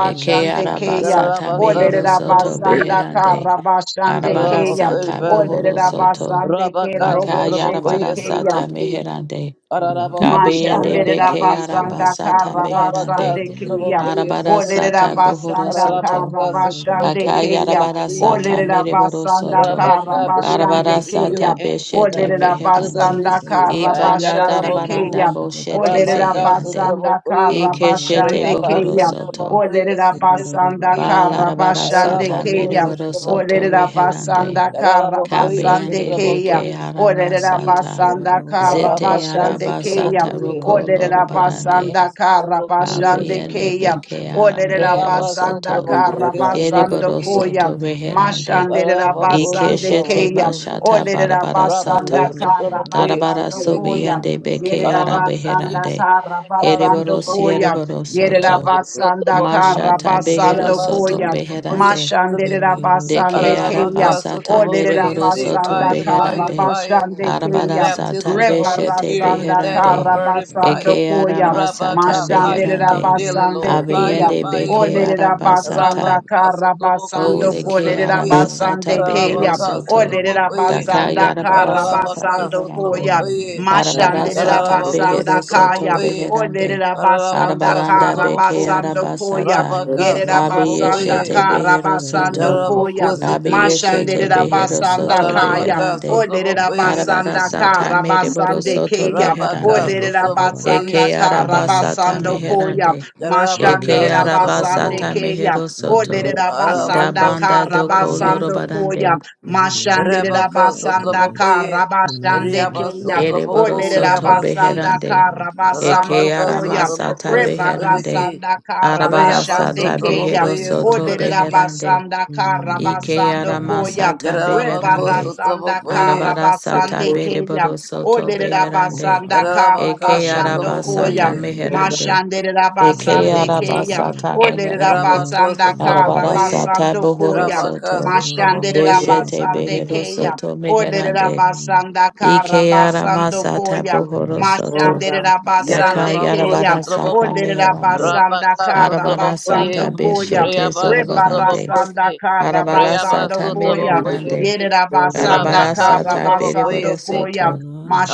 Eke araba Kaya sata Ararabaka mehero Orera soto sotrabokoye. Basanda beherande. Karabashande Arabara Kaya sata Ararabaka bohoro Orera soto. Basande Ke Russia, Robo Shete sotrabokoye Akayarabara sata sotrabeki. meherande. Ararabakuya Kabeyende Mashandera Satrabeki beke araba Shiti. basanda sata kara meherande. Rabaka basande keya. Sutrabakuya Arabara Olerera sata Satrabeki. bohoro basanda soto. kara Ararabaka basande Sutrabakuya keya. say, Akayarabara believe we sata Olerera receive. mereboro basanda soto. kara Rabaka, believe we basande Arabara receive your keya. sata answers, beshete God, Olerera to the beherande. basanda mysteries, kara God. Ibanda basande Yararabaku. keya. darabaranda boshete Olerera Rabaka zeherande. basanda kara Sutrabakuya. Ikeshete basande bohoro keya. Reabasa soto. Trabakuya Olerera basanda Sitrabeki. kara Balarabara basande sata Ararabaku keya. mereboro soto Olerera Sutrabakuya Sitrabeki. reherande. basanda kara Ararabakuya basande Kabiyande keya. beke Sutrabakuya Olerera Sitrabeki. aramasata. basanda kara Zete Rabaka basande keya. arabasata Sutrabokoye, roko Olerera Russia, Rabaka lorobarande. basanda kara Sutrabokoye, basande Abiyane keya. beke Olerera aramehero Rayaba basanda soto. kara Sutrabokoye basando Ereboro Sutraveki, koya. soto reherande. Mashanderera Rabako basande Ikeshete Sutrabako keya. bashata Olerera barabara Sutrabaka basanda sata. kara Sutrabokoye Darabara basando Sutraveki, koya. sobiande bekeara Ararabakuya Yerabasanda beherande. satabaka Karabasando Ereboro sotrabaku. Koya. siereboro soto. Reaba Yerabasanda sotrabaku. Mashata behero Karabasando Reaba soto Koya. sotrabakuya beherande. sotrabiki. Mashanderabasande Dekeara Keya. Ararabaka basata sotrabakuya mereboro say soto Olerabasanda fire, fire, beherande. fire, Lord. Karabasande Arabara Keya. sata Baptism of the Holy beshete Spirit with Rebarasanda that of a beherande. burning Karabasando fire. Ekeara Koya. masata Rabaka, Shababa, fire thou beherande. belly, Mashanderabasande Lord. Fire, Keya. Abiende fire, fire. bekeara Olerera basata. basanda Rabaka kara basando sotrabakuya Ole ke kolerera sotrabiki. basande arabasata keya. behero Ararabaka soto. Olerera sotrabakuya. Daka basanda kara yarabarasata Ararabaka basando beherande. koya. sotrabakuya. Mashandera Arabarasata Thank you. Kararabako basanda behero soto kaya. sotraboko ye. beherande. Olerera basanda Kararabaka Arabaranda kara beke sotraboko. basando koya. arabasata. Rabaka Thank Yerera sotraboko basanda ye. Abiyeshete kara behero basando soto. koya. Yaraboko sitrabeki. Abiyeshete Mashandera behero basanda soto kaya. Kararabaka beherande. Olerera sotraboko ye si. basanda Arabarasata kara mereboro basande soto keya. Rabaka beherande. Olerera sotraboko ye basanda Eke si. kara arabasata basando koya. meherande. Eke Yarabaka Mashanderera basande sotraboko. arabasata keya. mehero soto Olerera da basanda Arabako banda kara doko sotrabeki. basando koya. lorobarande Mashanderera Yarabako Shaba, basanda sotraboko kara ye. basande Riyaba keya. ereboro sotraboko Olerera soto yabasi. basanda beherande kara basando eke Rabaka arama koya. sata Sotomoko beherande Sotobeki, Rebarasanda kara arabara Rayaba basande sata keya. Sotomoko behero soto Sotobeki, beherande Olerabasanda ike karabasando arama koya. sata Yarabako beherande Rebarasanda Sotomoko, arabara karabasande sata keya. bereboro soto beherande Olerabasanda Yarabaka eke karabashando araba koya. sata Sotomoko, meherande eke Mashanderabasande araba keya. sata meherande Yarabako Olerabasanda arabara Sotomoko, sata karabasando bohoro koya. Yarabaka soto Sotomoko, beshete Mashanderabasande behero keya. soto meherande Olerabasanda Ike yara karabasando masata koya. bohoro soto. Daka Mashanderabasande yara Yarabako keya. bara sata Sotomoko, meherando. Olerabasanda Rabaka Arabara karabasando Sotomoko, sata koya. Shaba beshete Rayaba zorobarande. Sotomoko, Rebarasanda Arabara Rayaba karabasando sata koya. merebarande. Sotomoko, Yerabasanda Arabara Rabaka sata karabasando bereboro Sotomoko, koya. soto.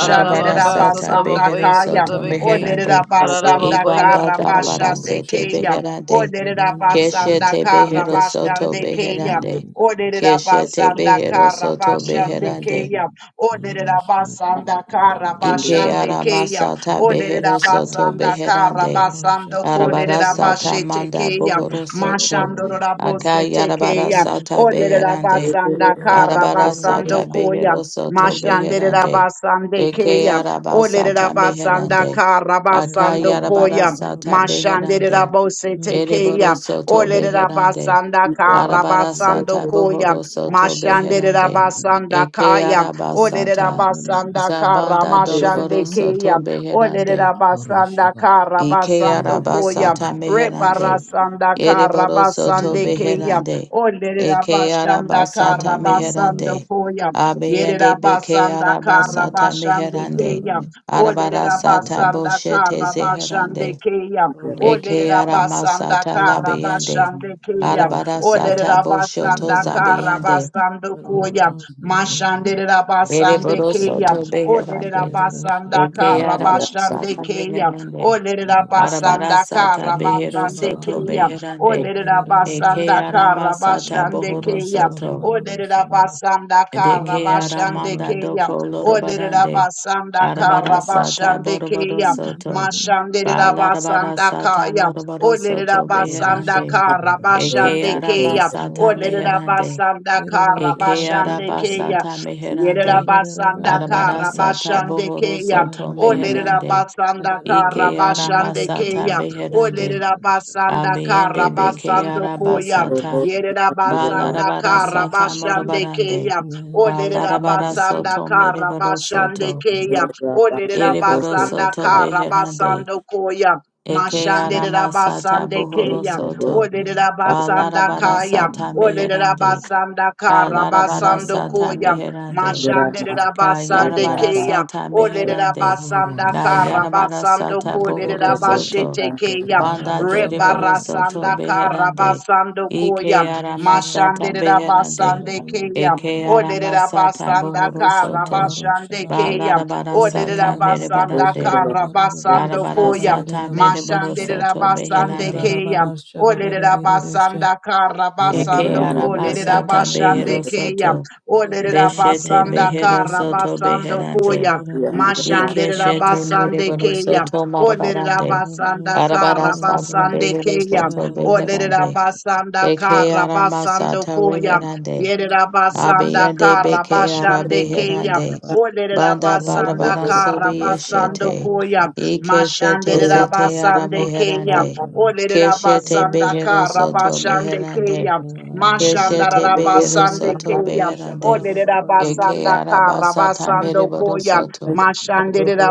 Arabara sata behero Sotrabokoye, kaya. soto Sotrabeki, meherande. Olerabasanda Ararabokoye, Ibanda darabara karabashande sete keya. beherande. Oderera basanda Keshete kara behero soto basande keya. beherande. Oderera Keshete basanda behero kara soto basande beherande. keya. Oderera basanda kara Ike basande keya. aramasata Oderera behero soto basanda kara beherande. basando koderera Arabarasata bashete manda keya. bohoro soto. Mashandorora bose tekeya. Akayarabarasata Oderera beherande. basanda kara Shaba, basando Arabarasata koya. behero soto Mashandera beherande. basande Ike you. keya, arabasata olerera basanda beherande. kara basando koya, Akayarabarasata beherande. mashandera bosete Ereboro keya, soto olerera beherande. basanda Thank kara basando Arabarasata koya, bohoro soto mashandera beherande. basanda Eke kaya, olerera arabasata. basanda kara Zabanda Doroboro mashande keya, Soto Beherande. olerera basanda kara Ike basando koya, Arabasata Meherande. rebarasanda Ereboro kara Soto basande keya. Beherande. Olerera Eke basanda Arabasata kara basando Meherande. koya. Yerera Abeyende Beke basanda kara Arabasata basande Meherande. keya. Arabara Olerera Sata basanda Boshete kara basande Zeherande. keya. Ororosha Eke Olerera Baba, basanda Aramasata kara Ororosha, Labeyende. basande keya. Arabara Ororosha Baba, Sata Oderera Boshoto basanda kara Ananadosha, Zabeyende. basando koya. Aronoros, Ororosha Mashande Baba, basande Ereboro Ororosha keya. Soto Baba, Oderera Beherande. Ororosha, basanda Eke kara basande Arabasata keya. Meherande. Oderera Arabara basanda sata kara behero Ororosha Baba, Ororosha Baba, Ororosha basande Baba, soto keya. beherande. Oderera Eke Ororosha basanda Baba, arama kara sata basande bohoro Ororosha keya. Baba, Ororosha soto. Oderera Baba, basanda kara Deke basande aramanda keya. doko Oderera lorobarande. basanda kara Arabara Ororosha, sata basande boroboro keya. soto. Mashanderera Balarabara basanda sata kaya. moroboro Oderera soto basanda Ororosha beherande. Baba, kara Eke basande araba keya. sata Ororosha, Oderera meherande. Uh, basanda kara Eke basande araba keya. sata Yerera meherande. basanda Arabara kara sata Yerabasanda Karabashande bohoro Kea. soto O meherande. Lerabasanda Ike arama Karabashande sata Kea. O beherande. Lerabasanda Abiende beke Karabasando Koya. arabasata. Yerabasanda Balarabara sata Karabashande Kea. morabarande. kara Balarabara Lerabasanda soto merebaro Karabashande soto. Kea. O Erebaro soto kara beherande. basando Koya. Eke Mashandere aramasata rabasande bohoro keya, soto. olere rabasanda Balarabara kaya, sata olere meherande. rabasanda kara Balarabara basando sata koya, meherande. mashandere rabasande Kayarabara keya, sata olere meherande. rabasanda kara Kayarabara basando sata kolere bohoro soto. rabashete keya, Banda de Wabarosha Baba riboro soto Barosha rebarasanda Baba kara beherande. basando koya, Ike Warosha Baba aramasata Baba mashandere Rosha beherande. rabasande Baba keya, Eke Olerera aramasata basanda bohoro Wabarosha kara soto. Baba Rosha basande Baba keya. Balarabara Olerera sata Irerarara Baba basanda merebarande. Shaba kara Baba basando Rosha Arabara Baba koya. sata Bedero mereboro Rosha Mashanderera soto basande beherande. Irerarara keya. Baba Shaba Baba Olerera Rosha basanda kara Eke basando Irerarara ko Baba lerera aramasata Bedero behero basande Rosha keya. soto. Olerera Beshete basanda Irerarara behero kara soto Rosha basando beherande. koya. Irerarara Baba Baba Mashandere Ikeshete Rabasande Bedero mereboro Kaya, Rosha soto Odere marabarande. Rabasanda Irerarara Arabara sata Karabasande behero Kaya, soto Baba Odere Bedero beherande. Rabasanda Rosha Eke ara Baba Karabasando masata Koya, reherande. Yere Rabasanda Abiyande beke you. ara Karabashande Kaya, beherande. Thank Odere Banda Rabasanda barabara sobi Karabasando yeshete. Koya, Ikeshete Mashandere zete ara Rabasande Kaya, meherande. Odere Keshete Rabasanda behero soto Karabashande meherande. Kaya, Keshete behero Mashandarabasande soto Kaya, beherande. Eke Oderabasanda arabasata Karabasando mereboro Koya, soto.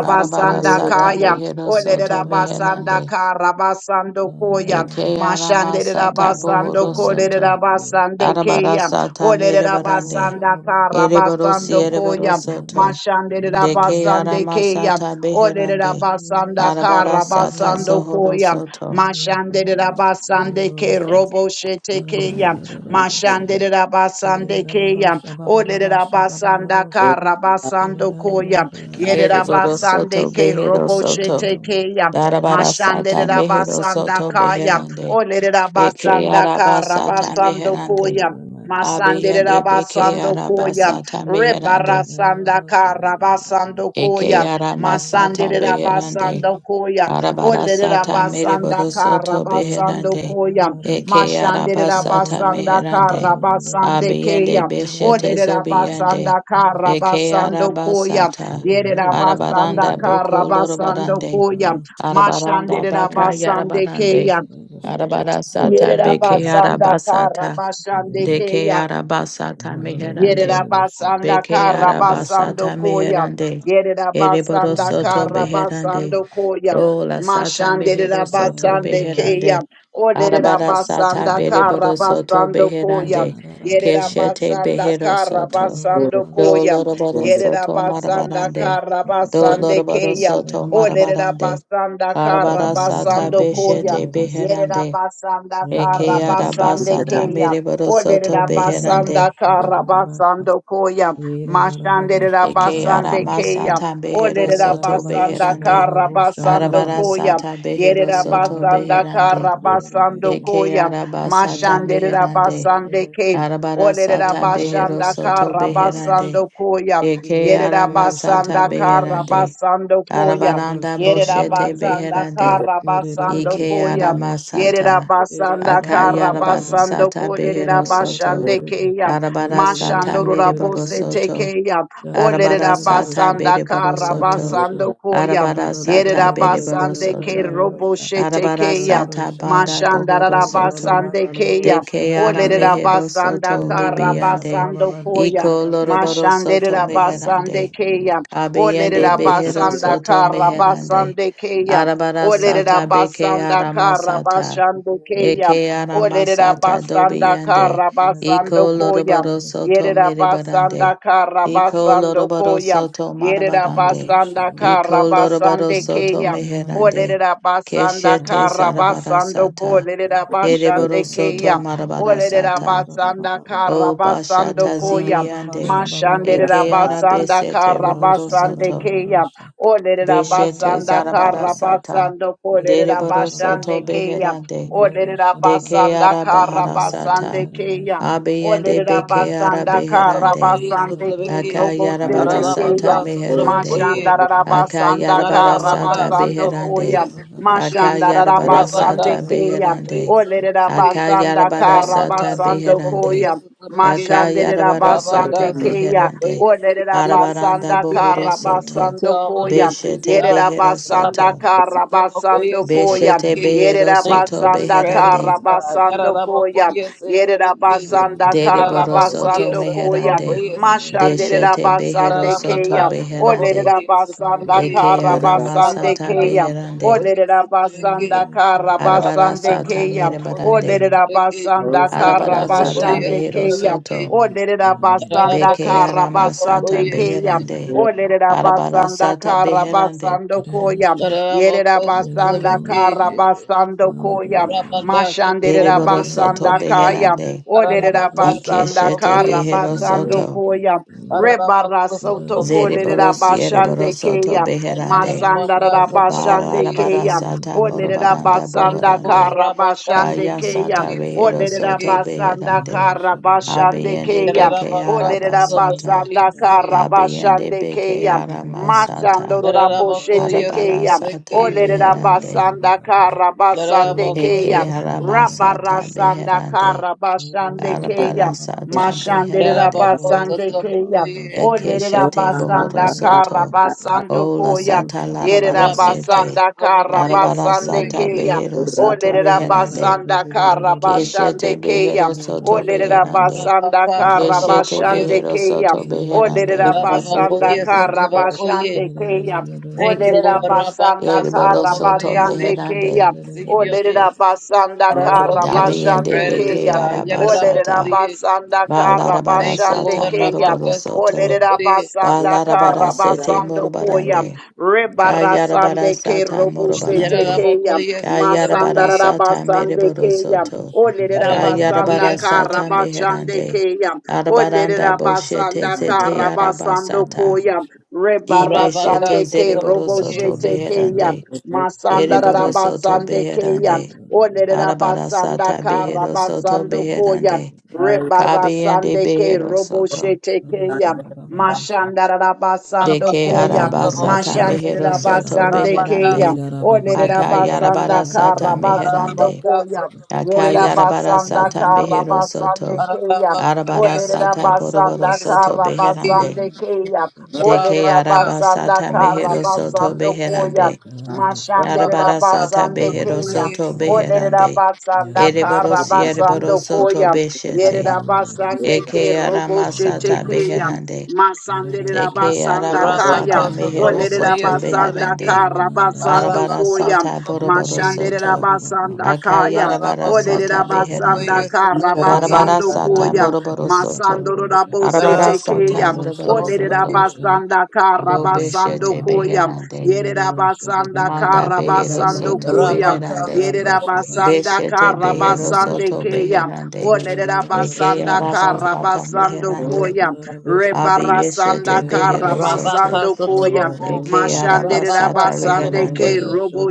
Arabara sata Kaya, behero soto Oderabasanda beherande. Karabasando Koya, Eke arama sata Mashandarabasando bohoro soto. Koderabasande Arabara Kaya, sata merebarande. Oderabasanda Ereboro Karabasando siereboro Koya, soto. Deke Mashandarabasande arama Kaya, sata beherande. Oderabasanda Arabara sata Karabasando zohoro Koya, soto. Mashande Rabasande Ke Robo Shete Keya, Mashande Rabasande Keya, Ole Rabasanda Karabasando Koya, Yere Ereboro Rabasande soto Ke behero Robo soto. Shete Keya, Darabara Mashande sata Russia, mehero Rabasanda soto Kaya, beherande. Ole Eke Rabasanda araba sata Karabasando meherande. Koya, Masandere Abiyende beke rabasando koya, arabasata meherande. rebarasanda karabasando Eke koya, aramasata masandere beherande. rabasando koya, olere Arabarasata rabasanda mereborosoto karabasando beherande. koya, Eke mashandere arabasata rabasanda meherande. karabasande Abiyende keya, beshete olere zobiyende. rabasanda Eke karabasando koya, arabasata. yere rabasanda Arabaranda boko karabasando lorobarande. koya, Arabaranda mashandere baka rabasande yarabarande. keya, Arabarasata Yerera beke basanda kara arabasata. basande Deke keya. arabasata meherande. Shut Yerabasanda Beke arabasata Karabasando Koya. meherande. Ereboro Yerabasanda soto beherande. Karabasando Koya. Ola sata Mashande mehero soto Rabasande Keya. beherande. Arabara sata Olerabasanda bereboro soto Karabasando beherande. Koya. Keshete Yerabasanda behero soto. Karabasando Koya. Doloroboro soto Yerabasanda marabarande. Karabasande Doloroboro Keya. soto marabarande. Olerabasanda Yeah, Arabara sata Karabasando Koya. beshete beherande. Yerabasanda Eke Karabasande arabasata Kaya. mereboro soto beherande. Olerabasanda Karabasando Koya. Mashande Eke Rabasande arama Kaya. sata behero soto Olerabasanda beherande. Karabasando Arabara Koya. sata behero soto Yerabasanda beherande. Karabasando Eke Koya. araba sata Mashande meherande. Rabasande Kaya. Arabara Olerera sata behero basanda soto kara basando beherande. koya. Eke Yerera arama sata basanda kara beherande. basando koya. Arabaranda Yerera boshete basanda beherande. kara basando Eke koya. arama Yerera sata. basanda kara Akayarabara basando sata Thank kolerera behero soto. basande keya. Arabara sata Mashando rora mereboro bose soto. tekeya. Arabara Olerera sata basanda bereboro kara soto. basando koya. Arabara sata Yerera bereboro basande ke soto. robo Arabara shetekeya. sata banda bohoro Mashandara soto. basande keya. De ara Olerera mehero basanda soto kara libiande. basando koya. Iko loroboro soto Mashanderera basande meherande. keya. Abiende Olerera behero basanda soto kara meherande. basande keya. Arabara Olerera sata beke basanda ara kara masata. basando keya. Eke ara Olerera masata you. dobi basanda yande. kara Aurora basando Iko koya. lorobaro soto Yerera basanda miribarande. kara Iko basando lorobaro koya. soto Yerida marabarande. basanda Shadoway, kara Iko lorobaro basande and both soto keya. with an meherande. nation, Olerida basanda and Keshete kara another basando zarabarasata, kolerida and Ereboro basande Overland, soto Yerabasanda and the name of marabarasata. Jesus, Ababa Karabasande O Rosha, Kaya. Olerabasanda Karabasando Kolerabashande basanda kara basando bashata Yedara Koya. Baba zibiyande. Shababa Eke Rosha, ara Mashanderabasanda besete rohoro Bararosha Karabasande Babara soto. Kaya. Rosha, Yedara Beshete Olerabasanda Hamidara Rosha, zarabarasata. Karabasando Yedara Dereboro Baba Kolerabashande soto Basha, beherande. Mirarosha De Baba, basanda Keara kara basando kolerida Bahara Alarosha basande Sata. Kaya. Berarosha, Abiyande Olerera Yedarosha Bekeara basanda Ben, kara Beherande. Sotrabokoye, basande ke Sotrabeki, Yedarosha Ben, robo Akayara te Bara te ke Shabba, Ararabaka, Sata ya. Meherande. Sotrabokoye, Mashanda rara basanda Akayara Bara kara Narabaka, Sata basando Sotrabokoye, koya. Beherande. Sotrabeki, Mashanda Akayara rara Bara basande Rabaka, Sata ke ya. Sotrabokoye, Beherande. Olerera Sotrabeki, Akayara basanda Bara kara Rabaka, Sata basando Sotrabokoye, Beherande. koya. Sotrabeki, Mashande Akayara rara Bara Rabaka, Sata basande ke ya. Sotrabokoye, Beherande. say, Olerera believe we Arabaranda receive basanda your Bohoro kara answers Soto. to basando all the koya. mysteries, Beshete God. Yerera Behero basanda Soto. Rabaka, kara Sotrabokoye, basando koya. Beshete Sotrabeki. Behero Yerera Thank you Soto for the basanda Beherande. kara strategies, God. basando koya. Yarabakoye, Yerera Sotrabeki. basanda Dere kara borosoto Ararabakoye soto basando koya. meherande. satrabakoye satrabeki. Mashanderera Deshete behero basande Ararabaka keya. beherande. Olerera satrabakoye basanda satrabeki. Eke kara arama you. basande Arabaka keya. beherande. satrabakoye Olerera satrabeki. basanda kara Arabara Arabaka basande sata Yeah, keya. satrabakoye merebarande. Olerera satrabeki. Or basanda kara Arabara sata Ararabakoye basande behero keya. satrabeki. soto. Olerera basanda Ararabako Beke kara arama basande satrabakoye keya. satrabeki. beherande. Olerera Arabara basanda sata kara beherande. basando koya. Yerera Ararabako basanda satrabeki kara shite. basando koya. Arabaka Dere Mashanderera satrabakoye borosoto basanda satrabeki. kaya. beherande. Olerera Ararabaka Ike basanda shete satrabakoye kara behero basando satrabeki. koya. Rebara Ararabacô, sou soto trovão Zere kolerera conheço, borosiere borosoto basande trabequei. keya. beherande. Ayarabacá, Masandara sou trovão basande conheço. Barabara keya. sata Olerera morobaranda basanda Anquilô, bohorande. kara arabacá, sou basande Kaya trovão keya. sata conheço, rehero Olerera soto trabequei. basanda beherande. kara basande Abiende keya. beke Ararabacá, sou Olerera trovão arabasata. Shaba basanda conheço. kara Abiende basande beke keya. Masando aramasata. rabo Ararabacô, shete isso, Arabara keya. sata trabequei. Ole meherande. rabasanda kara basande Ararabacô, keya. Eke isso. aramasata Rabarasanda beherande. kara basande keya. Arabara sata Mashande beherande. Ararabacô, sou rabasande trovão keya. conheço. Ole Eke shete rabasanda bohoro kara soto. basando Ola koya. sata Yere larabara Rabacá, sete. rabasanda sou trovão kara conheço, Arabara basande sata trabequei. keya. behero soto Olerera beherande. basanda kara Keshete bashande keya. behero soto Olerera beherande. basanda Rabacá, sou kara trovão Keshete bashande conheço, behero keya. soto koye Olerera beherande. basanda Baba, kara Ararabacô, bashande koye Russia, keya. Thank you, Olerera Lord. basanda Rabaka, Ereboro kara soto Sotobokoye, bashande say, believe keya. you meherande. receive your Olerera answers. basanda kara Dabi Yarabakos, and bashande strategist, beke keya. God. Olerera arabasata. Yarabakos, basanda Ba kara larabara thank you, bashande sata Lord. keya. Rabaka, moroboro soto. Olerera Sotobokoye, Ba basanda larabara kara sete basando koya. morobarande. Rebara Kayarabara sande ke sata robushe morobarande. tekeya. Yarabakos, Masanda Kayarabara rara Sotobokoye, sata basande mereboro keya. soto. Olerera Kayarabara basanda Yarabakos, sata kara Sotobokoye, bashande meherande. keya. Arabaranda Olerera boshete basanda zete kara basando arabasata. koya. Rebara Ibeshete sande Rabaka, ke zereboroso Sotobokoye, to robushe say, tekeya beherande. basanda Ereboroso to rabasande keya. beherande. Ole rabasanda Arabarasata beheroso to karabasando koya. beherande. Kabiende Rebarasande ke robo beheroso to. shete keya. Baba Russia, Mashanda rabasando Deke Rabaka, Ora koya. arabasata barosha Sotobokoye, say, Mashande meheroso barosha to rabasande Rabaka, keya. beherande. Yada da Ole shabba Sotobokoye, ba ba rosha. Sotobokoye, rabasanda Akayarabarasata karabasando meherande. Rabaka, koya. Yere Sotobokoye, rabasanda Akayarabarasata Sotobokoye, meheroso karabasande to. keya. Arabakaya Ole Arabarasata Sutrabokoye rabasanda boroboroso to Sitrabeki, beherande. karabasande keya. Ole Deke Rabaka rabasanda arabasata Sutrabokoye meheroso to karabasando Sitrabeki, beherande. koya. Mashandera Arabara Rabaka sata basande behero keya. Sutrabokoye soto Si, Olerera beherande. basanda kara Ereborosi basando ereboro siereboro soto koya. Yerera beshete. basande ke Eke robo arama shete sata keya. beherande. Masandera Eke basanda araba kaya. Rabaka sata mehero Olerera Sutrabokoye soto basanda beherande. Sitrabeki, kara basando Arabara Arabaka koya. sata boroboro Sutrabokoye, Mashandera soto. basanda kaya. Akayarabara Arabako sata Olerera basanda Sutrabokoye beherande. kara Sitrabeki, Arabara basando Ora, sata koya. moroboro soto. Masandoro Hallelujah. rabose Arabara Arabako sata tekeya. moroboro Olere soto. Sutrabokoye, rabasanda Do karabasando beshete koya. beherande. Yere rabasanda Manda behero karabasando soto koya. Rabaka beherande. Yere Sutrabokoye rabasanda Beshete behero karabasande soto keya. beherande. Olere Eke rabasanda arabasata sata karabasando meherande. koya. Shaba, Abi yeshete Rebarasanda behero soto. Rabaka karabasando koya. Sotraboko, Eke Mashandere Arabasata sata Rabaka rabasande beherande. ke Sotraboko, robo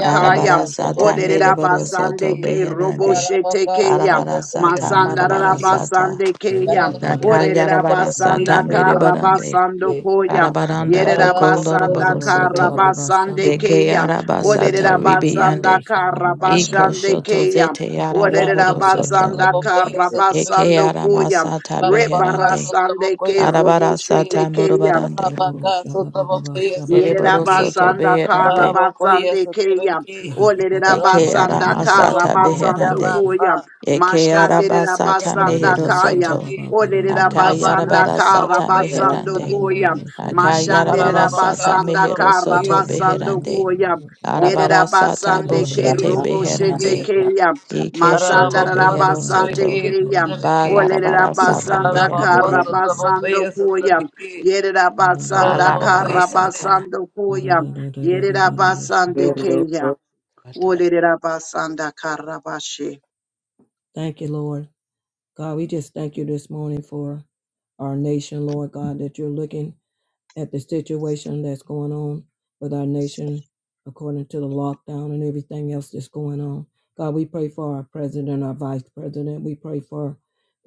Arabara sata Traboko, mereboro Oderabasande soto Sotrabeki, ke beherande. roboshete Rabaka keya. Arabara Sotraboko, sata marabara Sotrabeki, sata. Masandarabasande keya. Daka Rabaka yarabara Sotraboko, sata Oderabasanda Sotrabeki, mereborande. karabasando Russia, koya. Arabaranda boko Rabaka Yerabasanda loroboro Sotrabeki, soto. karabasande Deke keya. arabasata sata Oderabasanda ribiande. Iko karabashande shoto keya. zete yarabohoro Rabaka soto. Oderabasanda Sotraboko, Eke karabasando Sotrabeki, ara koya. masata Rabaka beherande. Rebarasande ke sotabokoye Arabara sotabeki. sata roboshete keya. morobarande. Rabaka sotabokoye Ereboro sotabeki. soto Yerabasanda beherande. Rabokoye Karabasande Keya. sotabeki. Eke Rabako ara Olerabasanda masata sotaboko Karabasando beherande. yabasa. Koya. Eke ara Rabaka basata sotaboko Mashanderabasanda mehero Kaya. soto. sotabeki. Rabaka Olerabasanda Akayarabara sata sotabokoye Karabasando meherande. sotabeki. Koya. Akayarabara Rabaka sata Mashanderabasanda mehero sotabokoye soto Karabasando sotabeki. beherande. Koya. Rabako Arabara sata Yerabasande ke sotabokoye boshete robo shete sotabeki. beherande. keya. Masanda Rabako Ikeshete behero rabasande sotabeki soto. keya. sotabeki. Balarabara Thank sata Olerabasanda Hallelujah, meherande. karabasando thank koya. you, Yerabasanda Balarabara sata. karabasando koya. Yerabasande keya. Olerabasanda karabashe. you, Lord. God, we just thank you this morning for our nation, Lord God, that you're looking at the situation that's going on with our nation according to the lockdown and everything else that's going on. God, we pray for our president, our vice president. We pray for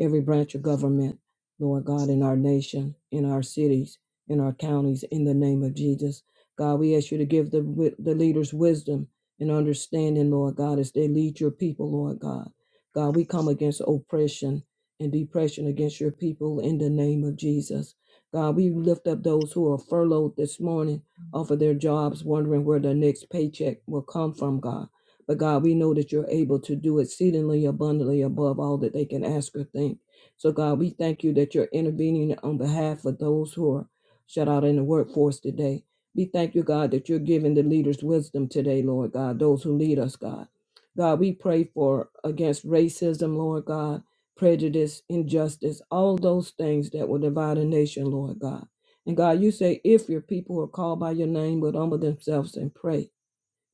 every branch of government, Lord God, in our nation, in our cities, in our counties, in the name of Jesus. God, we ask you to give the, wi- the leaders wisdom and understanding, Lord God, as they lead your people, Lord God. God, we come against oppression and depression against your people in the name of Jesus. God, we lift up those who are furloughed this morning off of their jobs, wondering where their next paycheck will come from, God. But God, we know that you're able to do exceedingly abundantly above all that they can ask or think. So, God, we thank you that you're intervening on behalf of those who are shut out in the workforce today. We thank you, God, that you're giving the leaders wisdom today, Lord God, those who lead us, God. God, we pray for against racism, Lord God prejudice, injustice, all those things that will divide a nation, Lord God. And God, you say, if your people who are called by your name would humble themselves and pray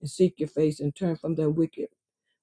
and seek your face and turn from their wicked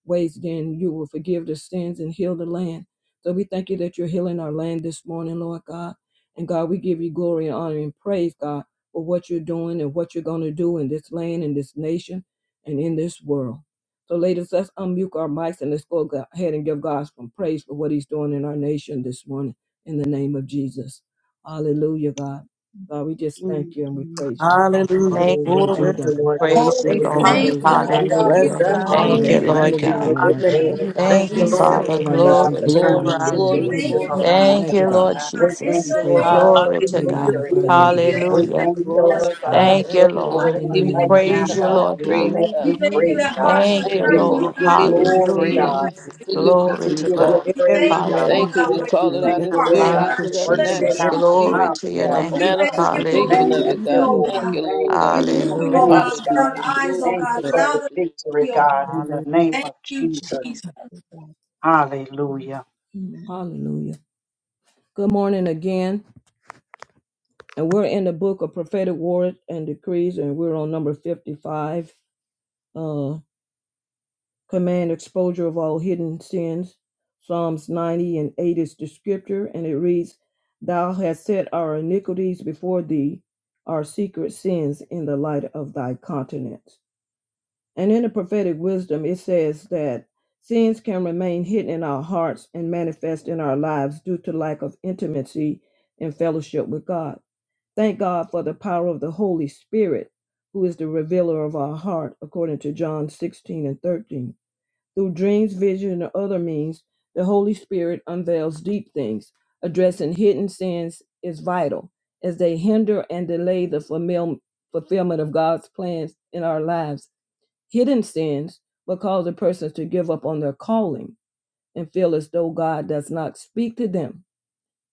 ways, then you will forgive the sins and heal the land. So we thank you that you're healing our land this morning, Lord God. And God, we give you glory and honor and praise, God, for what you're doing and what you're going to do in this land, in this nation, and in this world. So, ladies, let's unmute our mics and let's go go- ahead and give God some praise for what He's doing in our nation this morning in the name of Jesus. Hallelujah, God. God, we just thank you and we praise you, God, for Hallelujah. what Glory you've Thank you, to done, Lord God. God, Praise you, for what Thank what you're you, going you're to Lord. Lord thank do, doing, you, God. God. Lord We We God. We give bless Hallelujah. you your bless God. your and honor. Thank you, name that you're name, Lord Lord We intervening give God. God. on in you our We the thank behalf you name glory, of Hallelujah, for God. thank healing Thank We you, you, thank Jesus, you, Lord. and Father. of Lord Lord our restoration. God. God, nations Glory We for this to pray turning God. for Glory, morning the in the our We name glory, of thank nation, situation you for glory, Jesus. around, Lord deliverance, thank Thank Thank you, you, you, God. Lord God. God. Lord God. We In thank We Jesus. you, the Lord praise you, name God. God, of God. for Glory the to We God. We Hallelujah, victory, thank magnify you you, God. glory and we be God. thank glorify unto We you you, that Hallelujah. We thank you. you, you bless Lord glorify God, us, God, Father, for Thank you, what thank you, Lord you're Lord. Lord. We in doing the give We you the God. right name of glory, now, praise the you, Jesus. honor, God. and Lord you. Even praise, God. as God. we We thank you pray, We thank that God. you, hearts are Thank Lord, you, Thank that we you, We turning, Lord. give oh Lord. honor you God, you. and Believe you give you minds are glory, receive being praise the Hallelujah. God. answers to regulated, your oh God. Glory We to mysteries, give for God. you God. We thank praise, everything you, God. Lord Thank you. God, We Hallelujah. for Oh, we call it your out thank in of our you, hearts, Lord spirit oh Thank lives, God, God. you, into for the In working the it Jesus. in natural our name out to of on see Jesus, nation, Glory our to your Lord. behalf, the name. oh we God. thank you Thank you, for manifestation removing, of Hallelujah. it, Thank Jesus. you, God. oh Thank Lord. God, you, Lord Thank God. you in removing, In oh the Hallelujah. advance, name God, God. their Hallelujah. of Jesus, eyes, oh we Glory, Thank God. you for Allow the glory, them glory. to victory, see, oh God. God, in bless. the name Thank of you, Jesus. Jesus. Hallelujah. Amen. Hallelujah. Good morning again. And we're in the book of prophetic words and decrees, and we're on number 55. Uh, command exposure of all hidden sins. Psalms 90 and 8 is the scripture, and it reads, Thou hast set our iniquities before thee, our secret sins in the light of thy countenance. And in the prophetic wisdom, it says that sins can remain hidden in our hearts and manifest in our lives due to lack of intimacy and fellowship with God. Thank God for the power of the Holy Spirit, who is the revealer of our heart, according to John 16 and 13. Through dreams, vision, and other means, the Holy Spirit unveils deep things. Addressing hidden sins is vital, as they hinder and delay the fulfill- fulfillment of God's plans in our lives Hidden sins will cause a person to give up on their calling and feel as though God does not speak to them.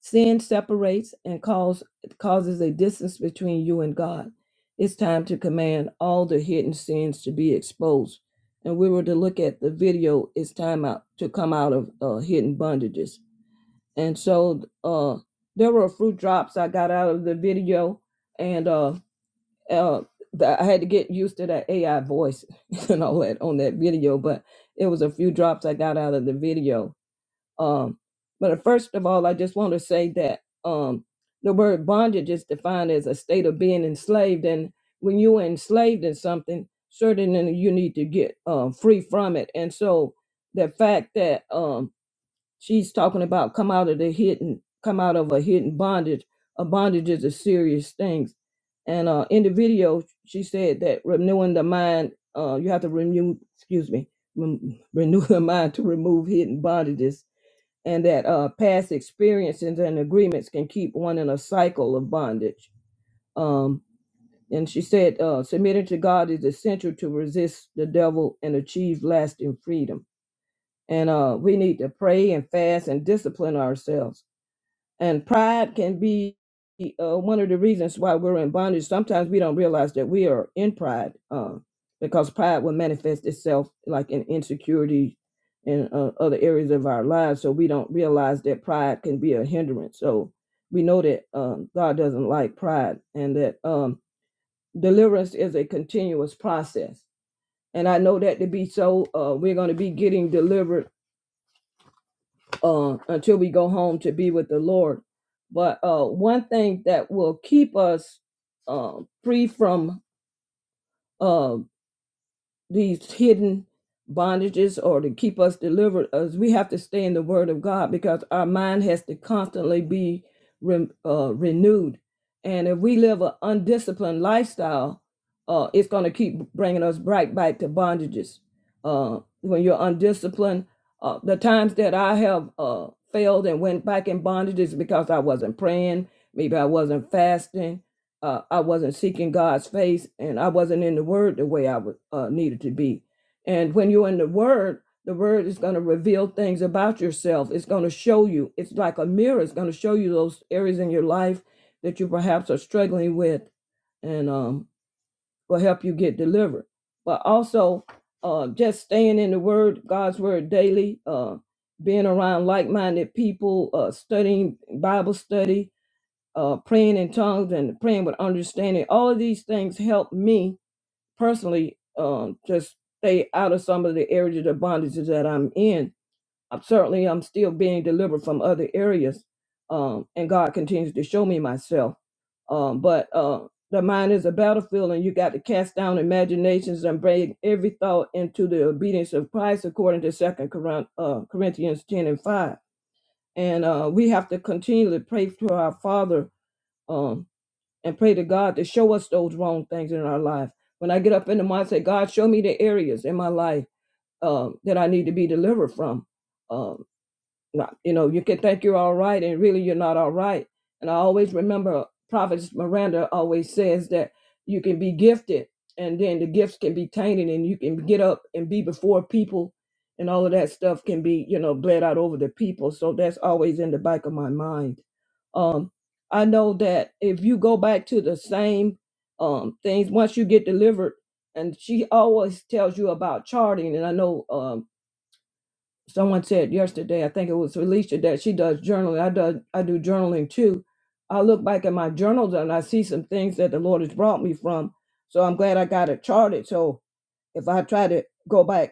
Sin separates and cause, causes a distance between you and God. It's time to command all the hidden sins to be exposed. And we were to look at the video, it's time out to come out of uh, hidden bondages. And so uh, there were fruit drops I got out of the video. And uh, uh, that I had to get used to that AI voice [laughs] and all that on that video, but it was a few drops I got out of the video. Um, but uh, first of all, I just want to say that um, the word bondage is defined as a state of being enslaved, and when you are enslaved in something, certainly you need to get uh, free from it. And so the fact that um, She's talking about come out of the hidden, come out of a hidden bondage. A bondage is a serious thing. And uh, in the video, she said that renewing the mind, uh, you have to renew, excuse me, rem- renew the mind to remove hidden bondages, and that uh, past experiences and agreements can keep one in a cycle of bondage. Um, and she said, uh, submitting to God is essential to resist the devil and achieve lasting freedom and uh, we need to pray and fast and discipline ourselves. And pride can be uh, one of the reasons why we're in bondage. Sometimes we don't realize that we are in pride uh, because pride will manifest itself like in insecurity in uh, other areas of our lives. So we don't realize that pride can be a hindrance. So we know that um, God doesn't like pride and that um, deliverance is a continuous process. And I know that to be so. Uh, we're going to be getting delivered uh, until we go home to be with the Lord. But uh, one thing that will keep us uh, free from uh, these hidden bondages or to keep us delivered as we have to stay in the word of god because our mind has to constantly be re- uh, renewed and if we live an undisciplined lifestyle uh, it's going to keep bringing us right back to bondages uh, when you're undisciplined uh, the times that i have uh, failed and went back in bondages because i wasn't praying maybe i wasn't fasting uh, I wasn't seeking God's face and I wasn't in the Word the way I was, uh, needed to be. And when you're in the Word, the Word is going to reveal things about yourself. It's going to show you. It's like a mirror. It's going to show you those areas in your life that you perhaps are struggling with, and um, will help you get delivered. But also, uh, just staying in the Word, God's Word daily, uh, being around like-minded people, uh, studying Bible study, uh, praying in tongues and praying with understanding. All of these things help me personally um, just stay out of some of the areas of the bondages that I'm in. I'm certainly I'm still being delivered from other areas, um, and God continues to show me myself. Um, but uh, the mind is a battlefield, and you got to cast down imaginations and bring every thought into the obedience of Christ, according to Second Corin- uh, Corinthians ten and five. And uh, we have to continually pray to our Father um, and pray to God to show us those wrong things in our life. When I get up in the mind, I say, God, show me the areas in my life um, that I need to be delivered from. Uh, not, you know, you can think you're all right and really you're not all right. And I always remember Prophet Miranda always says that you can be gifted and then the gifts can be tainted and you can get up and be before people and all of that stuff can be, you know, bled out over the people. So that's always in the back of my mind. Um, I know that if you go back to the same um, things, once you get delivered, and she always tells you about charting. And I know um, someone said yesterday, I think it was Alicia, that she does journaling. I do I do journaling too. I look back at my journals and I see some things that the Lord has brought me from. So I'm glad I got it charted. So if I try to go back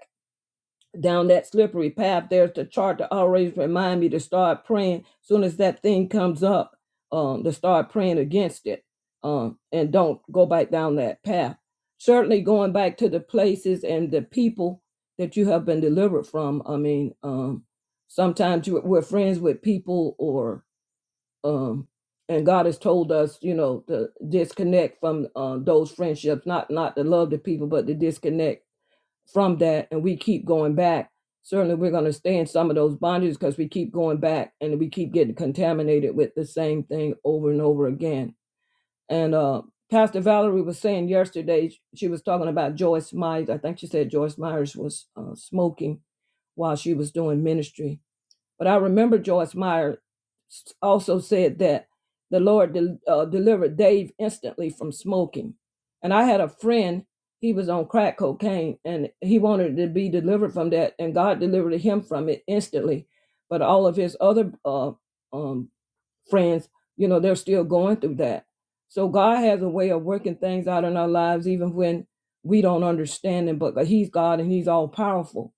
down that slippery path. There's the chart to always remind me to start praying. Soon as that thing comes up, um, to start praying against it, um, and don't go back down that path. Certainly, going back to the places and the people that you have been delivered from. I mean, um, sometimes you- we're friends with people, or um, and God has told us, you know, to disconnect from um, those friendships. Not not to love the people, but to disconnect from that and we keep going back, certainly we're going to stay in some of those bondages because we keep going back and we keep getting contaminated with the same thing over and over again. And uh, Pastor Valerie was saying yesterday, she was talking about Joyce Myers. I think she said Joyce Myers was uh, smoking while she was doing ministry but I remember Joyce Meyer also said that the Lord del- uh, delivered Dave instantly from smoking. And I had a friend, he was on crack cocaine and he wanted to be delivered from that, and God delivered him from it instantly. But all of his other uh, um, friends, you know, they're still going through that. So God has a way of working things out in our lives, even when we don't understand Him, but He's God and He's all powerful.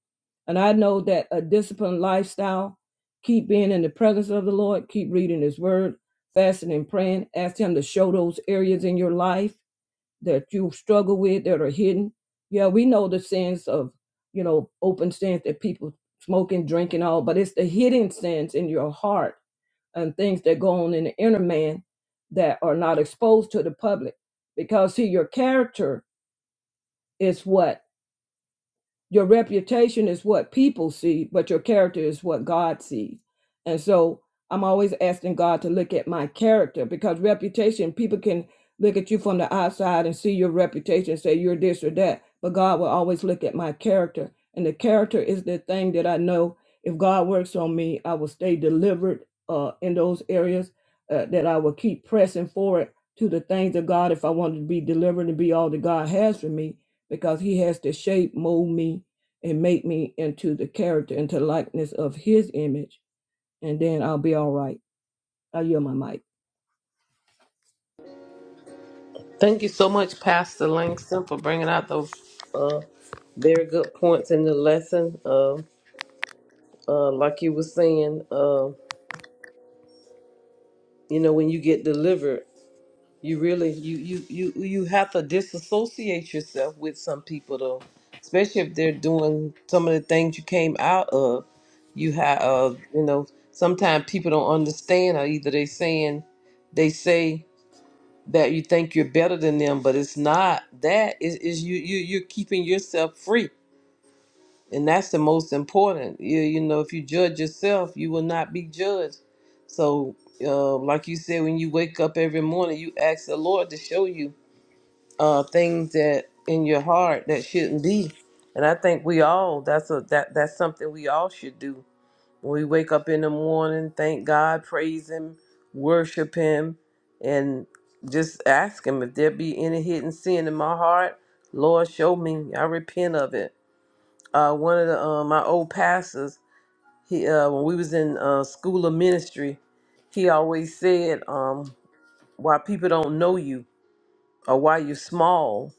And I know that a disciplined lifestyle, keep being in the presence of the Lord, keep reading His Word, fasting and praying. Ask Him to show those areas in your life that you struggle with that are hidden. Yeah, we know the sins of, you know, open sins that people smoking, drinking, all, but it's the hidden sins in your heart and things that go on in the inner man that are not exposed to the public. Because, see, your character is what? your reputation is what people see, but your character is what God sees. And so I'm always asking God to look at my character because reputation, people can look at you from the outside and see your reputation, and say you're this or that, but God will always look at my character. And the character is the thing that I know if God works on me, I will stay delivered uh, in those areas, uh, that I will keep pressing forward to the things of God if I wanted to be delivered and be all that God has for me because he has to shape, mold me, and make me into the character, into likeness of his image, and then I'll be all right. I yield my mic. Thank you so much, Pastor Langston, for bringing out those uh, very good points in the lesson. Uh, uh, like you were saying, uh, you know, when you get delivered, you really you you you you have to disassociate yourself with some people, though, especially if they're doing some of the things you came out of. You have, uh, you know, sometimes people don't understand, or either they saying they say that you think you're better than them, but it's not that. Is is you you you're keeping yourself free, and that's the most important. You you know, if you judge yourself, you will not be judged. So, uh, like you said, when you wake up every morning, you ask the Lord to show you uh, things that in your heart that shouldn't be. And I think we all that's a that that's something we all should do we wake up in the morning, thank God, praise Him, worship Him, and just ask Him if there be any hidden sin in my heart. Lord, show me. I repent of it. Uh, one of the uh, my old pastors, he uh, when we was in uh, school of ministry, he always said, um, "Why people don't know you or why you're small,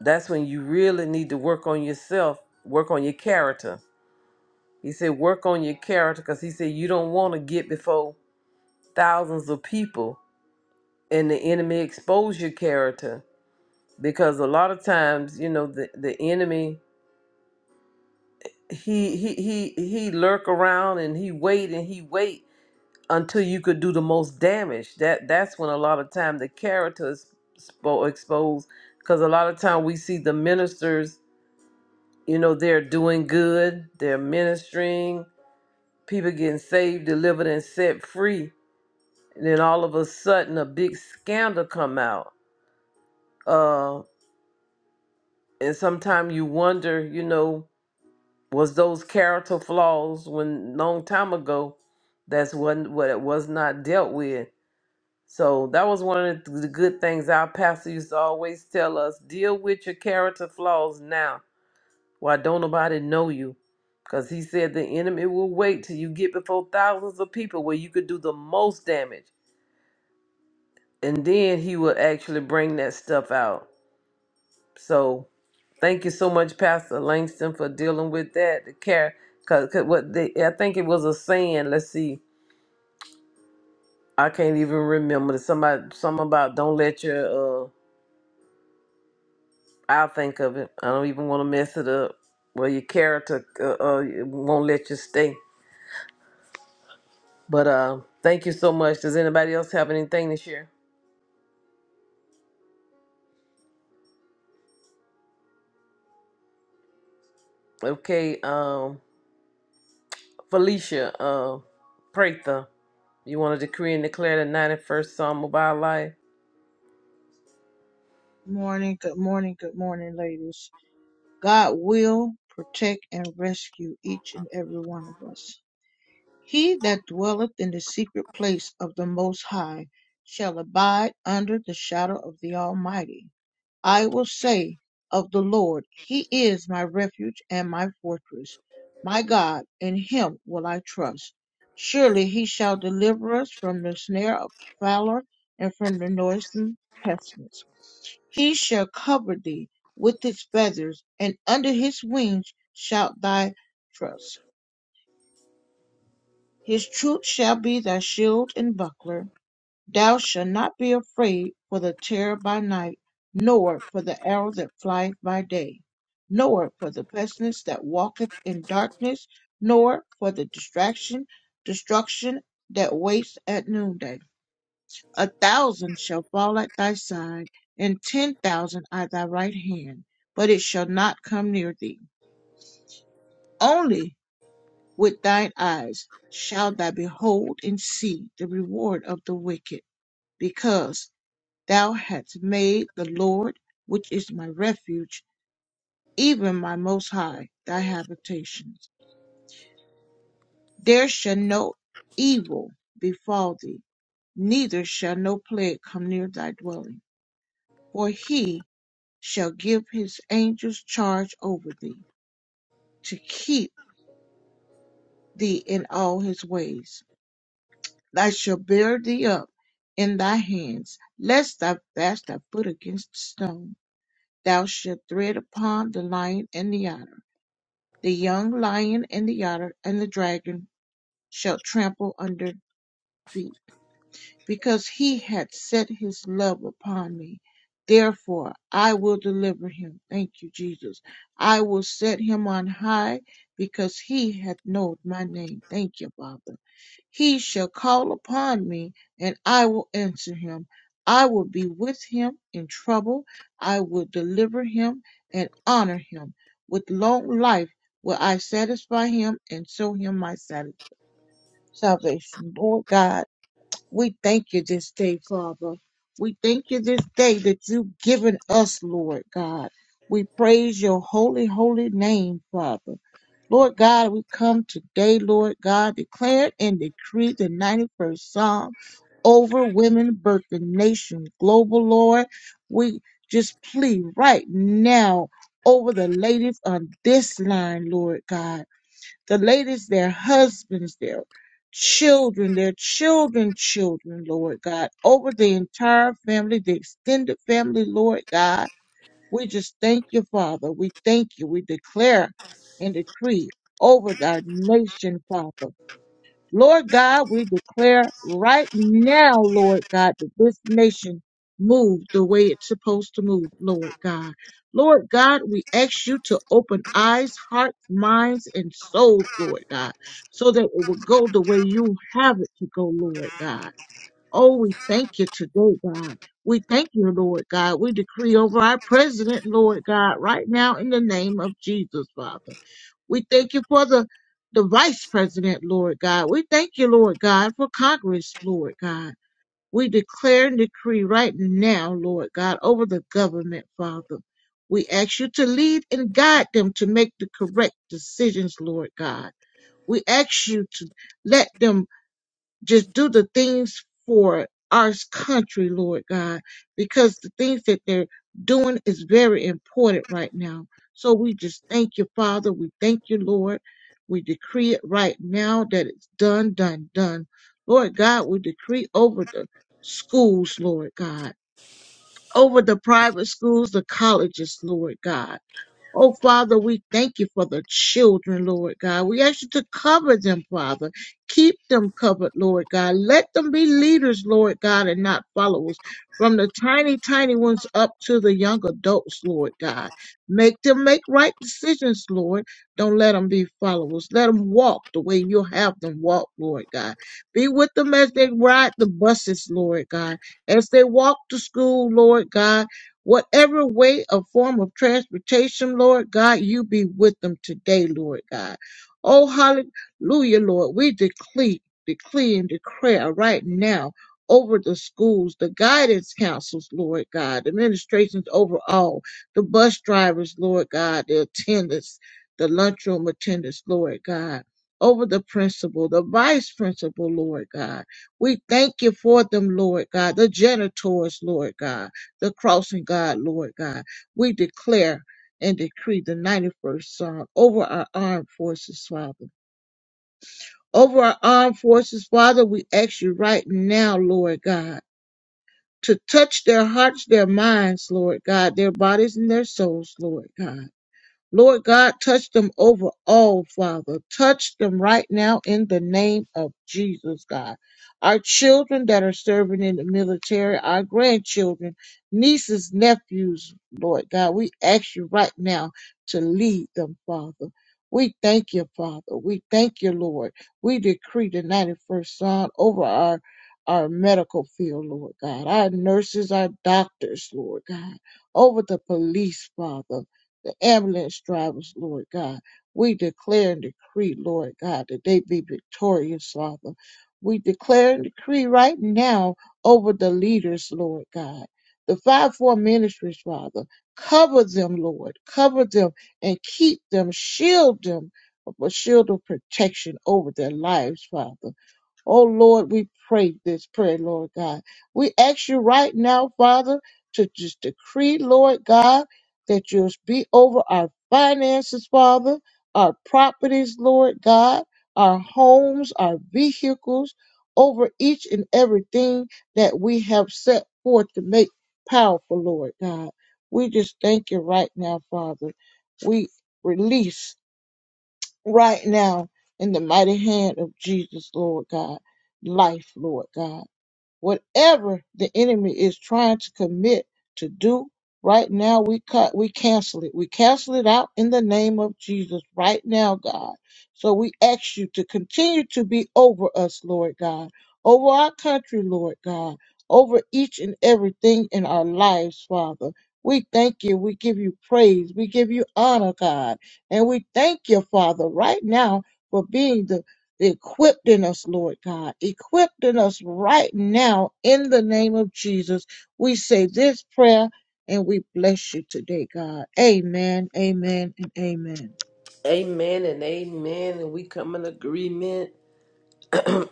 that's when you really need to work on yourself, work on your character." He said, "Work on your character," because he said you don't want to get before. thousands of people and the enemy expose your character because a lot of times you know the, the enemy he he he he lurk around and he wait and he wait until you could do the most damage that that's when a lot of time the character is spo- exposed because a lot of time we see the ministers you know they're doing good they're ministering people getting saved delivered and set free and then all of a sudden a big scandal come out Uh, and sometimes you wonder, you know, was those character flaws when long time ago that's what what it was not dealt with. So that was one of the good things our pastor used to always tell us: deal with your character flaws now. Why don't nobody know you? Because he said the enemy will wait till you get before thousands of people where you could do the most damage, and then he will actually bring that stuff out. So. Thank you so much, Pastor Langston, for dealing with that. The care, cause, 'cause what they, I think it was a saying. Let's see, I can't even remember. Somebody, something about don't let your. Uh, I'll think of it. I don't even want to mess it up. Well, your character uh, uh, won't let you stay. But uh, thank you so much. Does anybody else have anything to share? Um, uh, Pratha, you want? Morning, good morning, good morning, ladies. God will protect and rescue each and every one of us. He that dwelleth in the secret place of the Most High shall abide under the shadow of the Almighty. I will say of the Lord, He is my refuge and my fortress, my God, in Him will I trust. Surely He shall deliver us from the snare of the fowler and from the noisome pestilence. He shall cover thee with His feathers, and under His wings shalt thou trust. His truth shall be thy shield and buckler. Thou shalt not be afraid for the terror by night, nor for the arrow that flieth by day, nor for the pestilence that walketh in darkness, nor for the distraction, destruction that waits at noonday. A thousand shall fall at thy side, and ten thousand at thy right hand, but it shall not come near thee. Only with thine eyes shalt thou behold and see the reward of the wicked, because thou hast made the Lord, which is my refuge, even my Most High, thy habitation. There shall no evil befall thee, neither shall no plague come near thy dwelling. For he shall give his angels charge over thee, to keep thee in all his ways. Thou shalt bear thee up in thy hands, lest thou dash thy foot against the stone. Thou shalt tread upon the lion and the otter. The young lion and the otter and the dragon shalt trample under feet. Because he hath set his love upon me, therefore I will deliver him. Thank you, Jesus. I will set him on high because he hath known my name. Thank you, Father. He shall call upon me, and I will answer him. I will be with him in trouble. I will deliver him and honor him. With long life will I satisfy him and show him my sal- salvation. Lord God, we thank you this day, Father. We thank you this day that you've given us, Lord God. We praise your holy, holy name, Father. Lord God, we come today, Lord God, declare and decree the 91st Psalm over women, birth, and nation global, Lord. We just plead right now over the ladies on this line, Lord God the ladies, their husbands, their children, their children, children, Lord God, over the entire family, the extended family, Lord God. We just thank you, Father. We thank you. We declare and decree over our nation, Father. Lord God, we declare right now, Lord God, that this nation move the way it's supposed to move, Lord God. Lord God, we ask you to open eyes, hearts, minds, and souls, Lord God, so that it will go the way you have it to go, Lord God. Oh, we thank you today, God. We thank you, Lord God. We decree over our president, Lord God, right now in the name of Jesus, Father. We thank you for the, the vice president, Lord God. We thank you, Lord God, for Congress, Lord God. We declare and decree right now, Lord God, over the government, Father. We ask you to lead and guide them to make the correct decisions, Lord God. We ask you to let them just do the things for our country, Lord God, because the things that they're doing is very important right now. So we just thank you, Father. We thank you, Lord. We decree it right now that it's done, done, done. Lord God, we decree over the schools, Lord God, over the private schools, the colleges, Lord God. Oh, Father, we thank you for the children, Lord God. We ask you to cover them, Father. Keep them covered, Lord God. Let them be leaders, Lord God, and not followers. From the tiny, tiny ones up to the young adults, Lord God. Make them make right decisions, Lord. Don't let them be followers. Let them walk the way you have them walk, Lord God. Be with them as they ride the buses, Lord God. As they walk to school, Lord God Whatever way or form of transportation, Lord God, you be with them today, Lord God. Oh, hallelujah, Lord. We decree, decree and declare right now over the schools, the guidance councils, Lord God, administrations overall, the bus drivers, Lord God, the attendants, the lunchroom attendants, Lord God. Over the principal, the vice principal, Lord God. We thank you for them, Lord God, the janitors, Lord God the crossing, God, Lord God. We declare and decree the 91st Psalm over our armed forces, Father. Over our armed forces, Father, we ask you right now, Lord God, to touch their hearts, their minds, Lord God, their bodies and their souls, Lord God. Lord God, touch them over all, Father. Touch them right now in the name of Jesus, God. Our children that are serving in the military, our grandchildren, nieces, nephews, Lord God, we ask you right now to lead them, Father. We thank you, Father. We thank you, Lord. We decree the 91st Psalm over our our medical field, Lord God, our nurses, our doctors, Lord God, over the police, Father the ambulance drivers, Lord God. We declare and decree, Lord God, that they be victorious, Father. We declare and decree right now over the leaders, Lord God. The five four ministries, Father. Cover them, Lord. Cover them and keep them. Shield them with a shield of protection over their lives, Father. Oh Lord, we pray this prayer, Lord God. We ask you right now, Father, to just decree, Lord God, that you'll be over our finances, Father, our properties, Lord God, our homes, our vehicles, over each and everything that we have set forth to make powerful, Lord God. We just thank you right now, Father. We release right now in the mighty hand of Jesus, Lord God. Life, Lord God. Whatever the enemy is trying to commit to do right now, we cut, we cancel it. We cancel it out in the name of Jesus right now, God. So we ask you to continue to be over us, Lord God, over our country, Lord God, over each and everything in our lives, Father. We thank you. We give you praise. We give you honor, God. And we thank you, Father, right now for being the equipped in us, Lord God, equipped in us right now in the name of Jesus. We say this prayer and we bless you today, God. Amen, amen, and amen. Amen and amen, and we come in agreement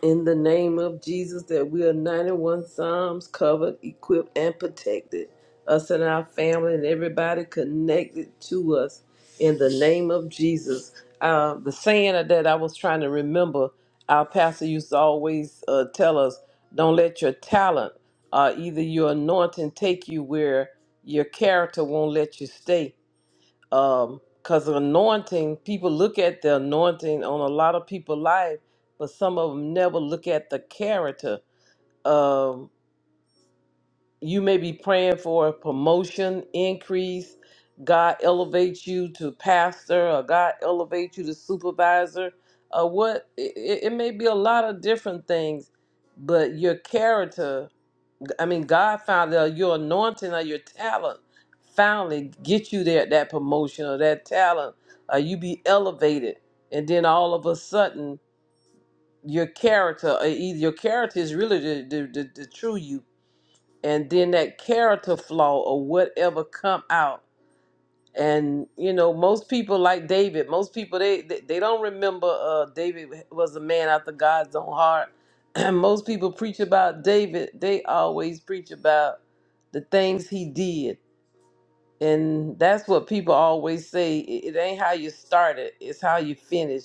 In the name of Jesus, that we are 91 Psalms covered, equipped, and protected. Us and our family and everybody connected to us. In the name of Jesus. Uh, the saying that I was trying to remember, our pastor used to always uh, tell us don't let your talent, uh, either your anointing, take you where your character won't let you stay um because anointing people look at the anointing on a lot of people's life but some of them never look at the character um you may be praying for a promotion increase god elevates you to pastor or god elevates you to supervisor or what it, it it may be a lot of different things but your character I mean, God found that your anointing or your talent finally get you there that promotion or that talent, or you be elevated, and then all of a sudden your character, or either your character is really the, the, the, the true you, and then that character flaw or whatever come out. And you know, most people like David. Most people they they, they don't remember uh, David was a man after God's own heart. [clears throat] And most people preach about David. They always preach about the things he did. And that's what people always say it it ain't how you started, it's how you finish.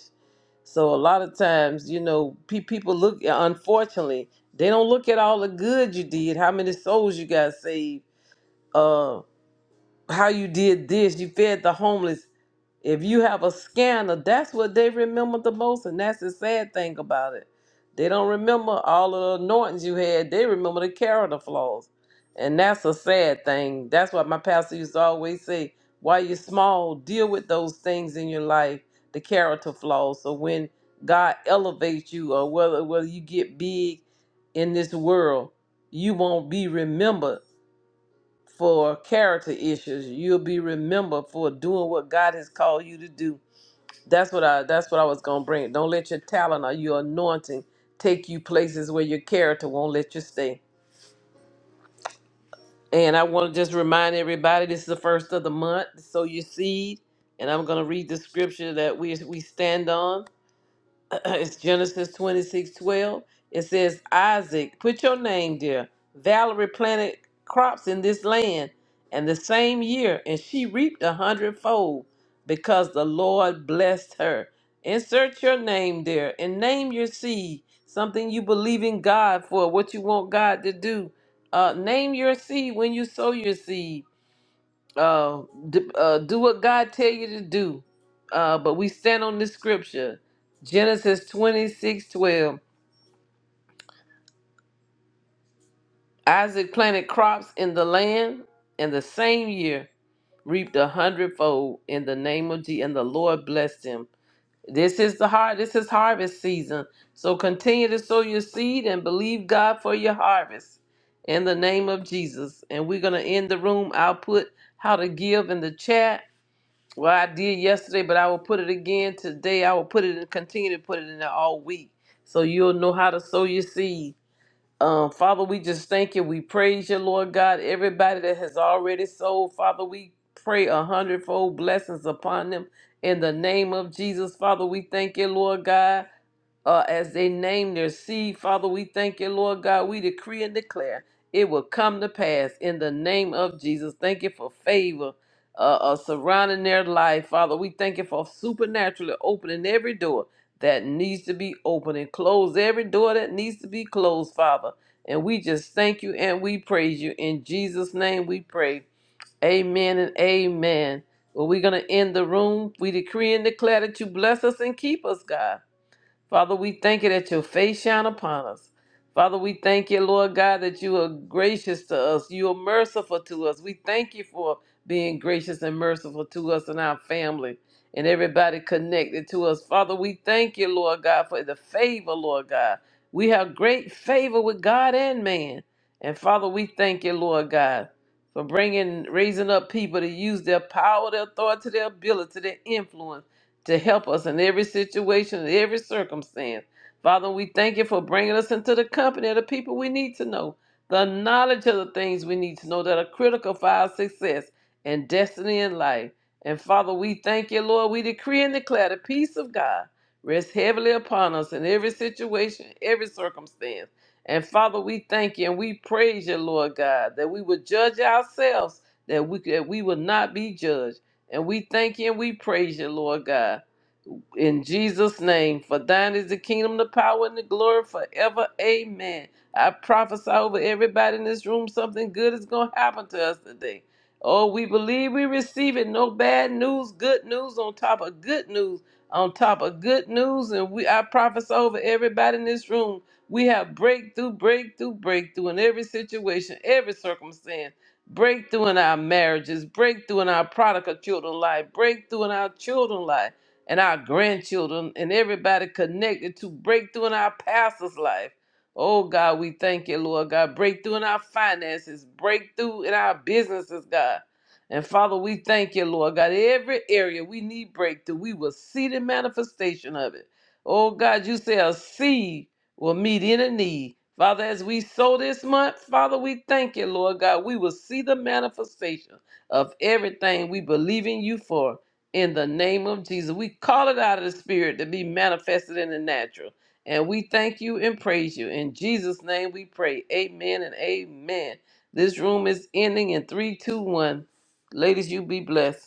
So a lot of times, you know, pe- people look, uh, unfortunately, they don't look at all the good you did, how many souls you got saved, uh, how you did this, you fed the homeless. If you have a scanner, that's what they remember the most, and that's the sad thing about it. They don't remember all of the anointings you had. They remember the character flaws, and that's a sad thing. That's what my pastor used to always say: while you're small, deal with those things in your life, the character flaws. So when God elevates you, or whether whether you get big in this world, you won't be remembered for character issues. You'll be remembered for doing what God has called you to do that's what I that's what I was gonna bring. Don't let your talent or your anointing take you places where your character won't let you stay. And I want to just remind everybody this is the first of the month, sow your seed. And I'm gonna read the scripture that we we stand on. [clears throat] it's Genesis 26 12. It says, Isaac, put your name there. Valerie planted crops in this land, and the same year, and she reaped a hundredfold because the Lord blessed her. Insert your name there and name your seed, something you believe in God for, what you want God to do. Uh, name your seed when you sow your seed uh, d- uh, do what God tell you to do. Uh, but we stand on this scripture, Genesis 26 12. Isaac planted crops in the land, and the same year reaped a hundredfold in the name of Jesus, and the Lord blessed him. This is the har- this is harvest season. So continue to sow your seed and believe God for your harvest in the name of Jesus. And we're gonna end the room. I'll put how to give in the chat Well, I did yesterday, but I will put it again today. I will put it and continue to put it in there all week. So you'll know how to sow your seed. Um, Father, we just thank you. We praise you, Lord God. Everybody that has already sowed, Father, we pray a hundredfold blessings upon them in the name of Jesus. Father, we thank you, Lord God uh, as they name their seed. Father, we thank you, Lord God. We decree and declare it will come to pass in the name of Jesus. Thank you for favor uh, uh, surrounding their life, Father. We thank you for supernaturally opening every door that needs to be opened and close every door that needs to be closed, Father. And we just thank you and we praise you. In Jesus' name we pray. Amen and amen. Well, we're going to end the room. We decree and declare that you bless us and keep us, God. Father, we thank you that your face shine upon us. Father, we thank you, Lord God, that you are gracious to us. You are merciful to us. We thank you for being gracious and merciful to us and our family and everybody connected to us. Father, we thank you, Lord God, for the favor, Lord God. We have great favor with God and man. And Father, we thank you, Lord God, for bringing, raising up people to use their power, their authority, their ability, their influence to help us in every situation, in every circumstance. Father, we thank you for bringing us into the company of the people we need to know, the knowledge of the things we need to know that are critical for our success and destiny in life. And Father, we thank you, Lord. We decree and declare the peace of God rests heavily upon us in every situation, every circumstance. And Father, we thank you and we praise you, Lord God, that we would judge ourselves, that we that we will not be judged. And we thank you and we praise you, Lord God. In Jesus' name, for thine is the kingdom, the power, and the glory forever. Amen. I prophesy over everybody in this room something good is going to happen to us today. Oh, we believe we receive it. No bad news, good news on top of good news, on top of good news. And we I prophesy over everybody in this room. We have breakthrough, breakthrough, breakthrough in every situation, every circumstance breakthrough in our marriages, breakthrough in our prodigal children life, breakthrough in our children life and our grandchildren and everybody connected to breakthrough in our pastor's life. Oh God, we thank you, Lord God. Breakthrough in our finances, breakthrough in our businesses, God. And Father, we thank you, Lord God. Every area we need breakthrough, we will see the manifestation of it. Oh God, you say a seed will meet any need. Father, as we sow this month, Father, we thank you, Lord God. We will see the manifestation of everything we believe in you for in the name of Jesus. We call it out of the spirit to be manifested in the natural. And we thank you and praise you. In Jesus' name we pray. Amen and amen. This room is ending in 321. Ladies, you be blessed.